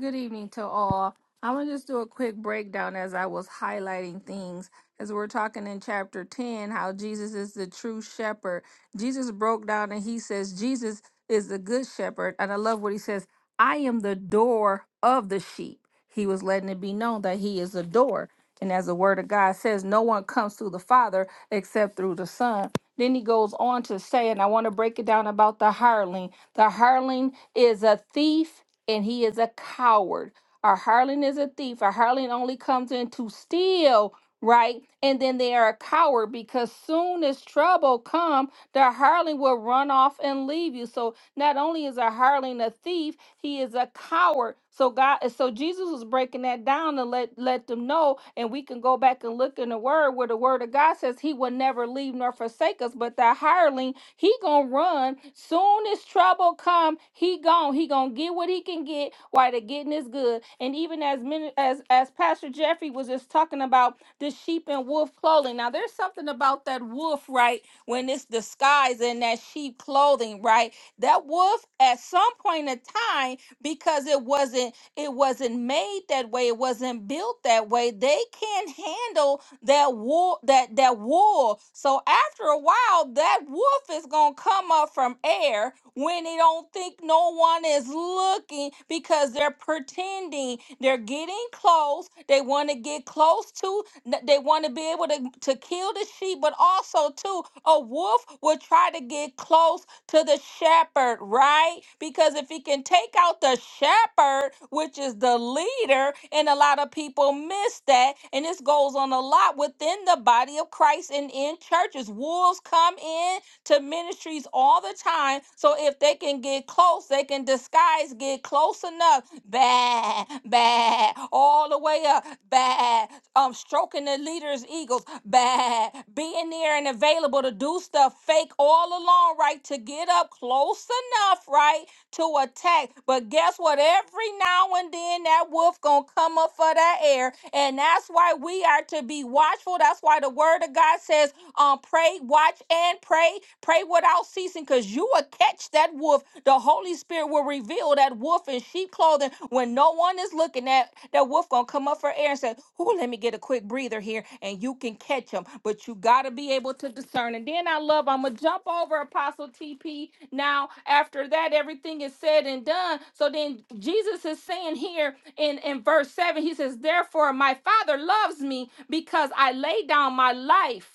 Speaker 8: Good evening to all. I'm going to just do a quick breakdown as I was highlighting things. As we're talking in chapter 10, how Jesus is the true shepherd. Jesus broke down and he says, Jesus is the good shepherd. And I love what he says I am the door of the sheep. He was letting it be known that he is the door. And as the word of God says, no one comes through the Father except through the Son. Then he goes on to say, and I want to break it down about the hireling. The hireling is a thief and he is a coward. A harlot is a thief. A harlot only comes in to steal, right? And then they are a coward because soon as trouble come, the harlot will run off and leave you. So not only is a hireling a thief, he is a coward. So God, so Jesus was breaking that down to let let them know, and we can go back and look in the Word where the Word of God says He will never leave nor forsake us. But that hireling, he gonna run soon as trouble come. He gone. He gonna get what he can get while the getting is good. And even as many as as Pastor Jeffrey was just talking about the sheep and wolf clothing. Now there's something about that wolf, right? When it's disguised in that sheep clothing, right? That was at some point in time because it wasn't it wasn't made that way, it wasn't built that way. They can't handle that wool that that wool. So after a while, that wolf is gonna come up from air when they don't think no one is looking because they're pretending they're getting close. They want to get close to N- They want to be able to, to kill the sheep, but also too, a wolf will try to get close to the shepherd, right? Because if he can take out the shepherd, which is the leader, and a lot of people miss that, and this goes on a lot within the body of Christ and in churches. Wolves come in to ministries all the time. So if they can get close, they can disguise, get close enough, bad, bad, all the way up, bad, um, stroking the leader's egos, bad, being there and available to do stuff fake all along, right? To get up close enough, right? To attack. But guess what? Every now and then that wolf gonna come up for that air. And that's why we are to be watchful. That's why the word of God says um, pray, watch, and pray. Pray without ceasing, because you will catch that wolf. The Holy Spirit will reveal that wolf in sheep clothing when no one is looking at that wolf gonna come up for air and say, Ooh, let me get a quick breather here, and you can catch him. But you gotta be able to discern. And then I love, I'm gonna jump over Apostle TP now. After that, everything is said and done. So then Jesus is saying here in, in verse 7, he says, Therefore, my father loves me because I lay down my life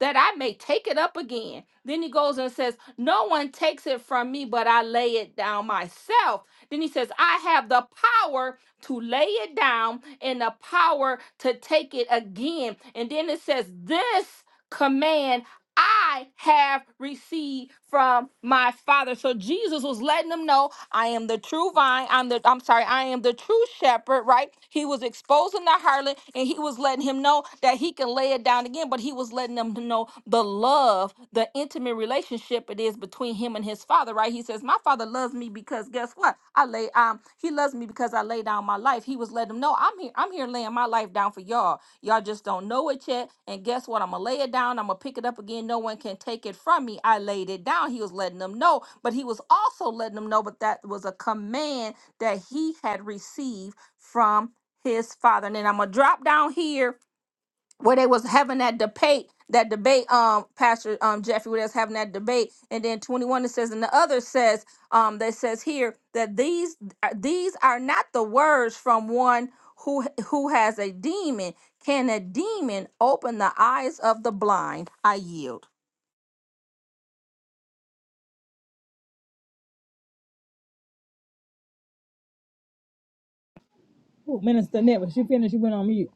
Speaker 8: that I may take it up again. Then he goes and says, No one takes it from me, but I lay it down myself. Then he says, I have the power to lay it down and the power to take it again. And then it says, This command. I have received from my father. So Jesus was letting them know, I am the true vine. I'm the I'm sorry, I am the true shepherd, right? He was exposing the harlot and he was letting him know that he can lay it down again, but he was letting them know the love, the intimate relationship it is between him and his father, right? He says, My father loves me because guess what? I lay um he loves me because I lay down my life. He was letting them know I'm here, I'm here laying my life down for y'all. Y'all just don't know it yet. And guess what? I'm gonna lay it down, I'm gonna pick it up again. No one can take it from me. I laid it down. He was letting them know, but he was also letting them know, but that was a command that he had received from his father. And then I'm gonna drop down here where they was having that debate that debate um pastor um jeffrey where they was having that debate and then 21 it says and the other says um that says here that these uh, these are not the words from one who who has a demon can a demon open the eyes of the blind i yield
Speaker 1: Ooh, Minister Annette, when she finished, she went on mute.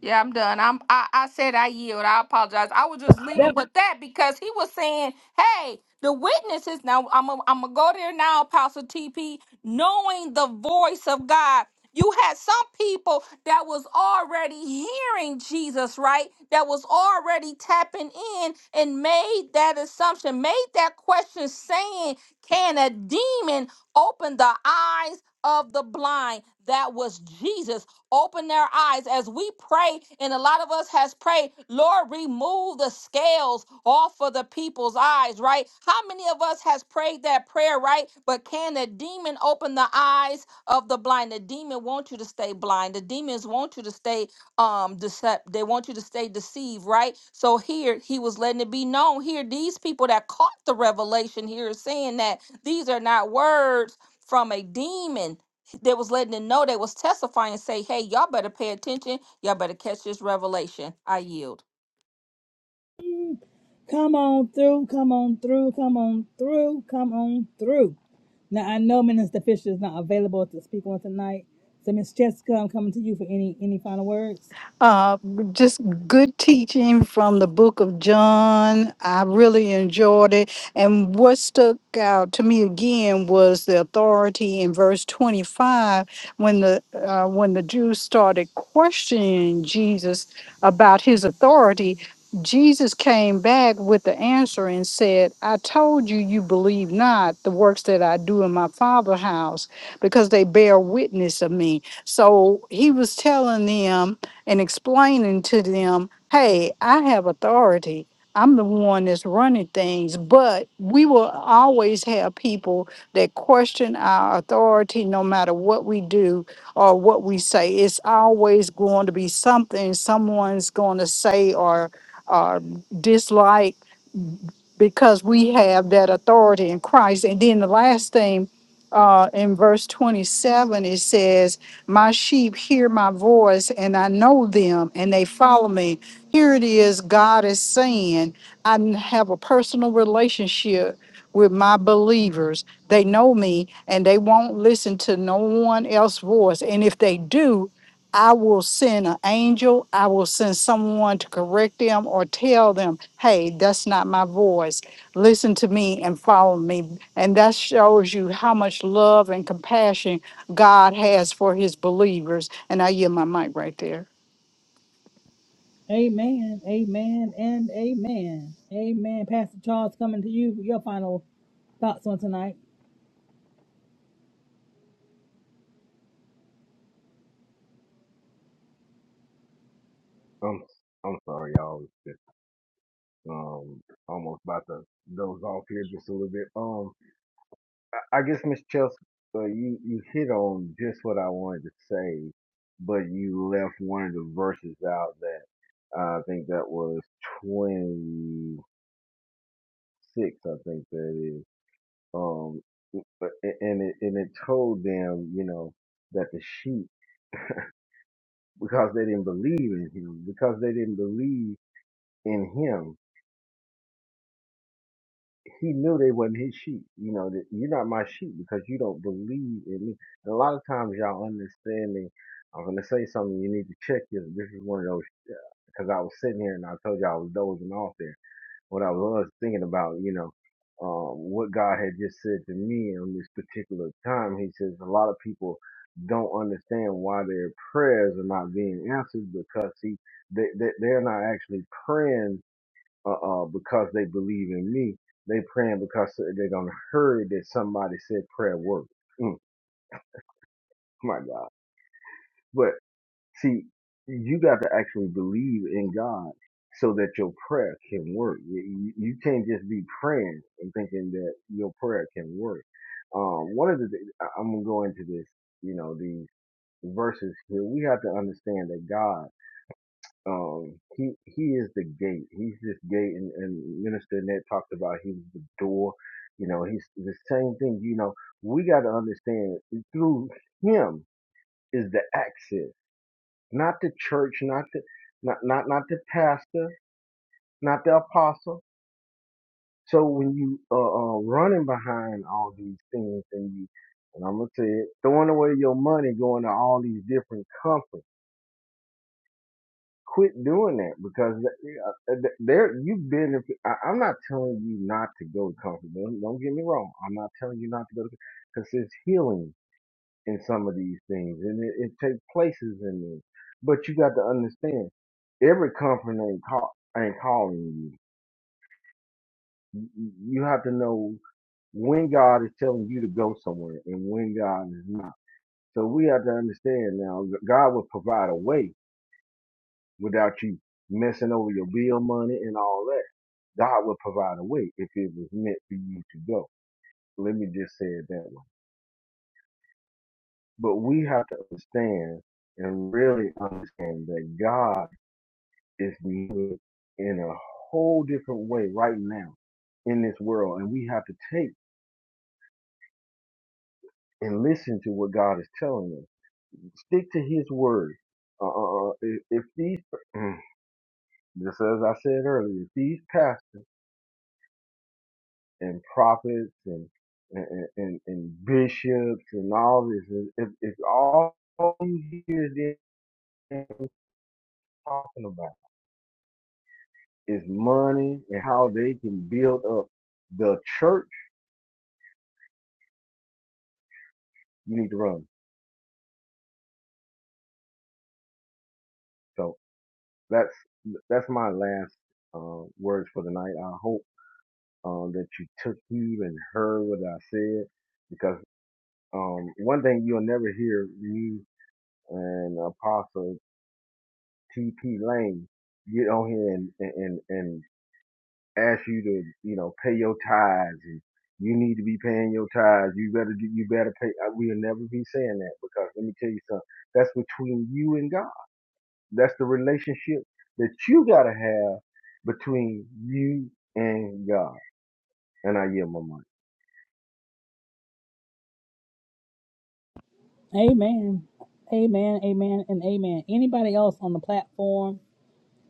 Speaker 8: Yeah, I'm done. I'm I, I said I yield. I apologize. I was just leaving with that because he was saying, Hey, the witnesses now I'm i I'm gonna go there now, Pastor TP, knowing the voice of God. You had some people that was already hearing Jesus, right? That was already tapping in and made that assumption, made that question saying, Can a demon open the eyes of the blind? That was Jesus open their eyes as we pray and a lot of us has prayed lord remove the scales off of the people's eyes right how many of us has prayed that prayer right but can the demon open the eyes of the blind the demon want you to stay blind the demons want you to stay um decept they want you to stay deceived right so here he was letting it be known here these people that caught the revelation here is saying that these are not words from a demon they was letting them know they was testifying and say, hey, y'all better pay attention. Y'all better catch this revelation. I yield.
Speaker 1: Come on through, come on through, come on through, come on through. Now I know Minister Fisher is not available to speak on tonight. So Miss Jessica, I'm coming to you for any any final words.
Speaker 6: Uh, just good teaching from the book of John. I really enjoyed it. And what stuck out to me again was the authority in verse 25 when the uh, when the Jews started questioning Jesus about his authority. Jesus came back with the answer and said, I told you, you believe not the works that I do in my Father's house because they bear witness of me. So he was telling them and explaining to them, hey, I have authority. I'm the one that's running things, but we will always have people that question our authority no matter what we do or what we say. It's always going to be something someone's going to say or, or dislike because we have that authority in Christ. And then the last thing uh, in verse 27, it says, My sheep hear my voice, and I know them, and they follow me. Here it is God is saying, I n- have a personal relationship with my believers. They know me, and they won't listen to no one else's voice. And if they do, I will send an angel. I will send someone to correct them or tell them, hey, that's not my voice. Listen to me and follow me. And that shows you how much love and compassion God has for his believers. And I yield my mic right there.
Speaker 1: Amen. Amen and amen. Amen. Pastor Charles coming to you for your final thoughts on tonight.
Speaker 5: I'm I'm sorry, y'all. Um, almost about to doze off here just a little bit. Um, I I guess Miss Chelsea, uh, you you hit on just what I wanted to say, but you left one of the verses out that I think that was twenty six. I think that is. Um, but- and it and it told them, you know, that the sheep because they didn't believe in him, because they didn't believe in him, he knew they wasn't his sheep. You know, that you're not my sheep because you don't believe in me. And a lot of times y'all understanding, I'm gonna say something, you need to check this. This is one of those because I was sitting here and I told you I was dozing off there. What I was thinking about, you know, um, what God had just said to me on this particular time, He says a lot of people don't understand why their prayers are not being answered because see, they, they they're not actually praying uh, uh, because they believe in me. They praying because they done heard that somebody said prayer works. Mm, my God. But see, you got to actually believe in God so that your prayer can work. You, you you can't just be praying and thinking that your prayer can work. Um, one of the, thi- I- I'm going to go into this, you know, these verses here. We have to understand that God Um, he he is the gate. He's this gate, and, and Minister Ned talked about he was the door. You know, he's the same thing. You know, we got to understand through him is the access, not the church, not the not not not the pastor, not the apostle. So when you uh, uh running behind all these things, and you and I'm gonna say it, throwing away your money, going to all these different conferences. Quit doing that because uh, there you've been. I- I'm not telling you not to go to comfort. Don't, don't get me wrong. I'm not telling you not to go to because there's healing in some of these things, and it, it takes places in this. But you got to understand, every comfort ain't, call, ain't calling you. You you- you have to know when God is telling you to go somewhere and when God is not. So we have to understand now, God will provide a way without you messing over your bill money and all God would provide a way if it was meant for you to go. Let me just say it that way. But we have to understand and really understand that God is moving in a whole different way right now in this world. And we have to take and listen to what God is telling us. Stick to his word. Uh, uh, uh, if, if these, mm, just as I said earlier, if these pastors and prophets and and, and, and bishops and all this. It, it, it's all all you hear them talking about is money and how they can build up the church. You need to run. So that's that's my last uh, words for the night. I hope uh, that you took heed and heard what I said because um, one thing you'll never hear me and Apostle T.P. Lane get on here and and and, ask you to, you know, pay your tithes and you need to be paying your tithes. You better do, you better pay. We'll never be saying that because let me tell you something. That's between you and God. That's the relationship that you gotta have between you and God. And I yield my mind.
Speaker 1: Amen. Amen. Amen and amen. Anybody else on the platform,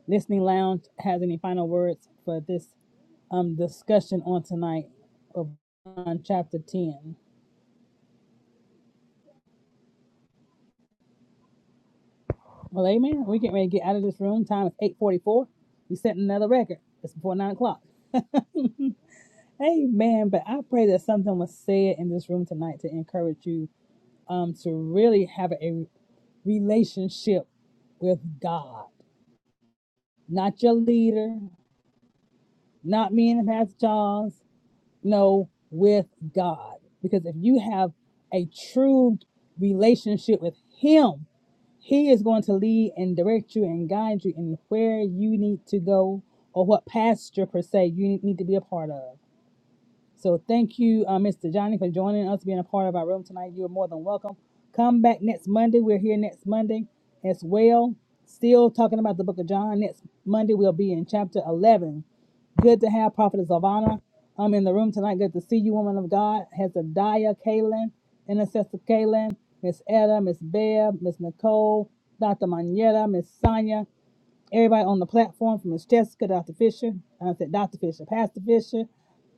Speaker 1: listening lounge, has any final words for this um discussion on tonight of John chapter ten? Well, amen. We getting ready to get out of this room. Time is eight forty-four. We set another record. It's before nine o'clock. amen. But I pray that something was said in this room tonight to encourage you um, to really have a relationship with God, not your leader, not me and Pastor Charles. No, with God. Because if you have a true relationship with Him, He is going to lead and direct you and guide you in where you need to go or what pasture per se you need to be a part of. So thank you, uh, Mr. Johnny, for joining us, being a part of our room tonight. You are more than welcome. Come back next Monday. We're here next Monday as well. Still talking about the book of John. Next Monday, we'll be in chapter 11 Good to have Prophetess Ivana. um, in the room tonight. Good to see you, woman of God. Hezekiah, Kaylin, Intercessor Kaylin, Miss Etta, Miss Bev, Miss Nicole, Dr. Manetta, Miss Sonia everybody on the platform from Miss Jessica, Dr. Fisher, uh, I said Dr. Fisher, Pastor Fisher,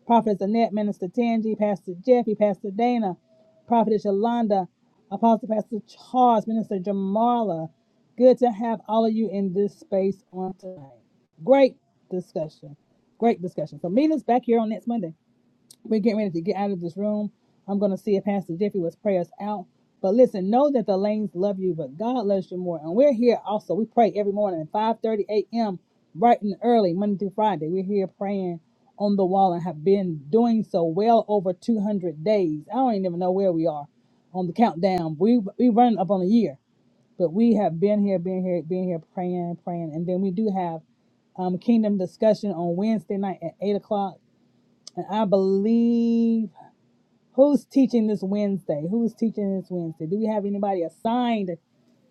Speaker 1: Prophetess Annette, Minister Tangi, Pastor Jeffy, Pastor Dana, Prophetess Yolanda, Apostle Pastor Charles, Minister Jamala. Good to have all of you in this space on tonight. Great discussion. Great discussion. So meet us back here on next Monday. We're getting ready to get out of this room. I'm going to see if Pastor Jeffrey was pray us out. But listen, know that the lanes love you, but God loves you more. And we're here also. We pray every morning at 5.30 a.m., bright and early, Monday through Friday. We're here praying on the wall and have been doing so well over 200 days. I don't even know where we are on the countdown. We we run up on a year, but we have been here, been here, been here, praying, praying. And then we do have um, Kingdom discussion on Wednesday night at 8 o'clock. And I believe Who's teaching this Wednesday? Who's teaching this Wednesday? Do we have anybody assigned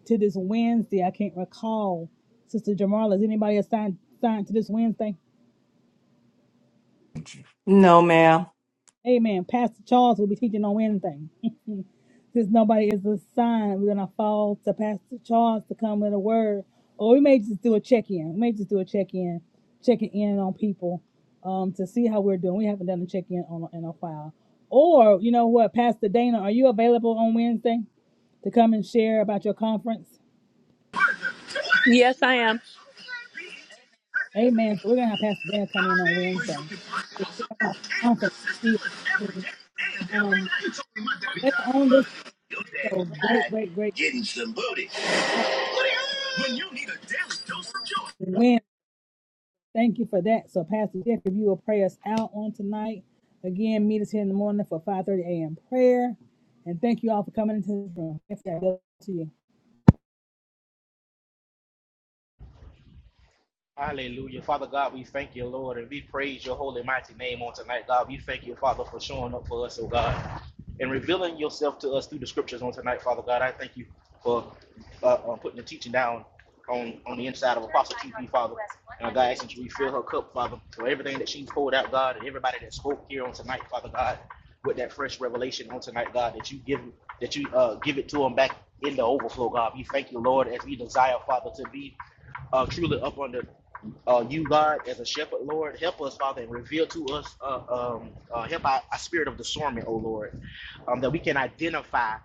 Speaker 1: to this Wednesday? I can't recall. Sister Jamarla, is anybody assigned assigned to this Wednesday?
Speaker 2: No, ma'am.
Speaker 1: Amen. Pastor Charles will be teaching on Wednesday. Since nobody is assigned, we're gonna fall to Pastor Charles to come with a word. Or we may just do a check-in. We may just do a check-in, checking in on people um, to see how we're doing. We haven't done a check-in on in a while. Or you know what, Pastor Dana, are you available on Wednesday? to come and share about your conference.
Speaker 11: Yes, I am.
Speaker 1: Amen. So we're gonna have Pastor Dan come in on Wednesday. About the Conference. She is, um later on this so great, great, great win. Thank you for that. So Pastor Jeff, if you will pray us out on tonight. Again, meet us here in the morning for 5:30 a.m. prayer. And thank you all for coming into this room. Thanks God bless you.
Speaker 10: Hallelujah. Father God, we thank you, Lord, and we praise your holy, mighty name on tonight, God. We thank you, Father, for showing up for us, oh God, and revealing yourself to us through the scriptures on tonight, Father God. I thank you for uh, uh, putting the teaching down on, on the inside of Apostle TP, Father. And uh, God, I ask that you refill her cup, Father, for everything that she's poured out, God, and everybody that spoke here on tonight, Father God, with that fresh revelation on tonight, God, that you give that you uh, give it to them back in the overflow, God. We thank you, Lord, as we desire, Father, to be uh, truly up under uh, you, God, as a shepherd, Lord, help us, Father, and reveal to us, uh, um, uh, help our, our spirit of discernment, oh Lord, um, that we can identify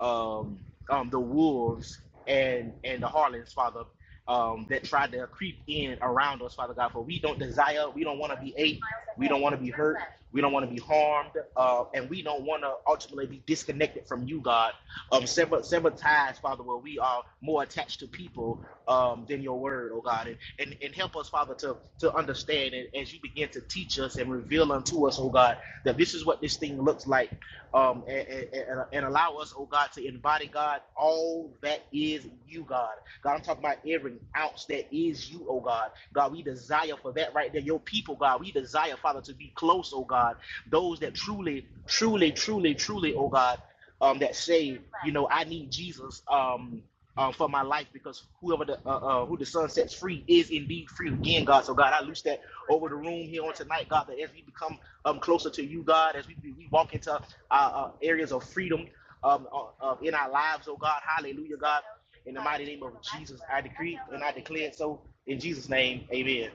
Speaker 10: um, um, the wolves and and the harlots, Father, um, that try to creep in around us, Father God. For we don't desire, we don't want to be ate, we don't want to be hurt, we don't want to be harmed, uh, and we don't want to ultimately be disconnected from you, God. Um, several several times, Father, where we are more attached to people um, than your word, oh God. And, and, and help us, Father, to, to understand and as you begin to teach us and reveal unto us, oh God, that this is what this thing looks like. Um, and, and, and allow us, oh God, to embody, God, all that is you, God. God, I'm talking about every ounce that is you, oh God. God, we desire for that right there. Your people, God, we desire, Father, to be close, oh God. Those that truly, truly, truly, truly, oh God, um, that say, you know, I need Jesus. Um, um, for my life because whoever the uh, uh, who the sun sets free is indeed free again, God. So God, I loose that over the room here on tonight, God. That as we become um, closer to you, God, as we we walk into uh, uh, areas of freedom um, uh, uh, in our lives, oh God, Hallelujah, God. In the mighty name of Jesus, I decree and I declare it so. In Jesus' name, Amen.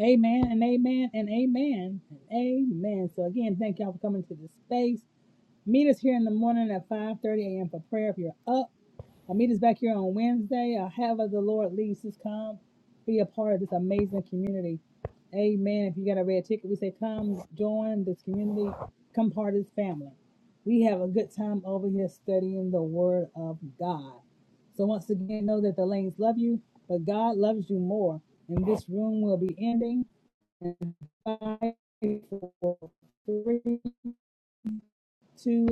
Speaker 1: Amen and amen and amen and amen. So again, thank y'all for coming to this space. Meet us here in the morning at 5:30 a.m. for prayer if you're up. Our meet us back here on Wednesday. Uh, however, the Lord leads us, come be a part of this amazing community. Amen. If you got a red ticket, we say, come join this community, come part of this family. We have a good time over here studying the Word of God. So, once again, know that the lanes love you, but God loves you more. And this room will be ending. Five, four, three, two,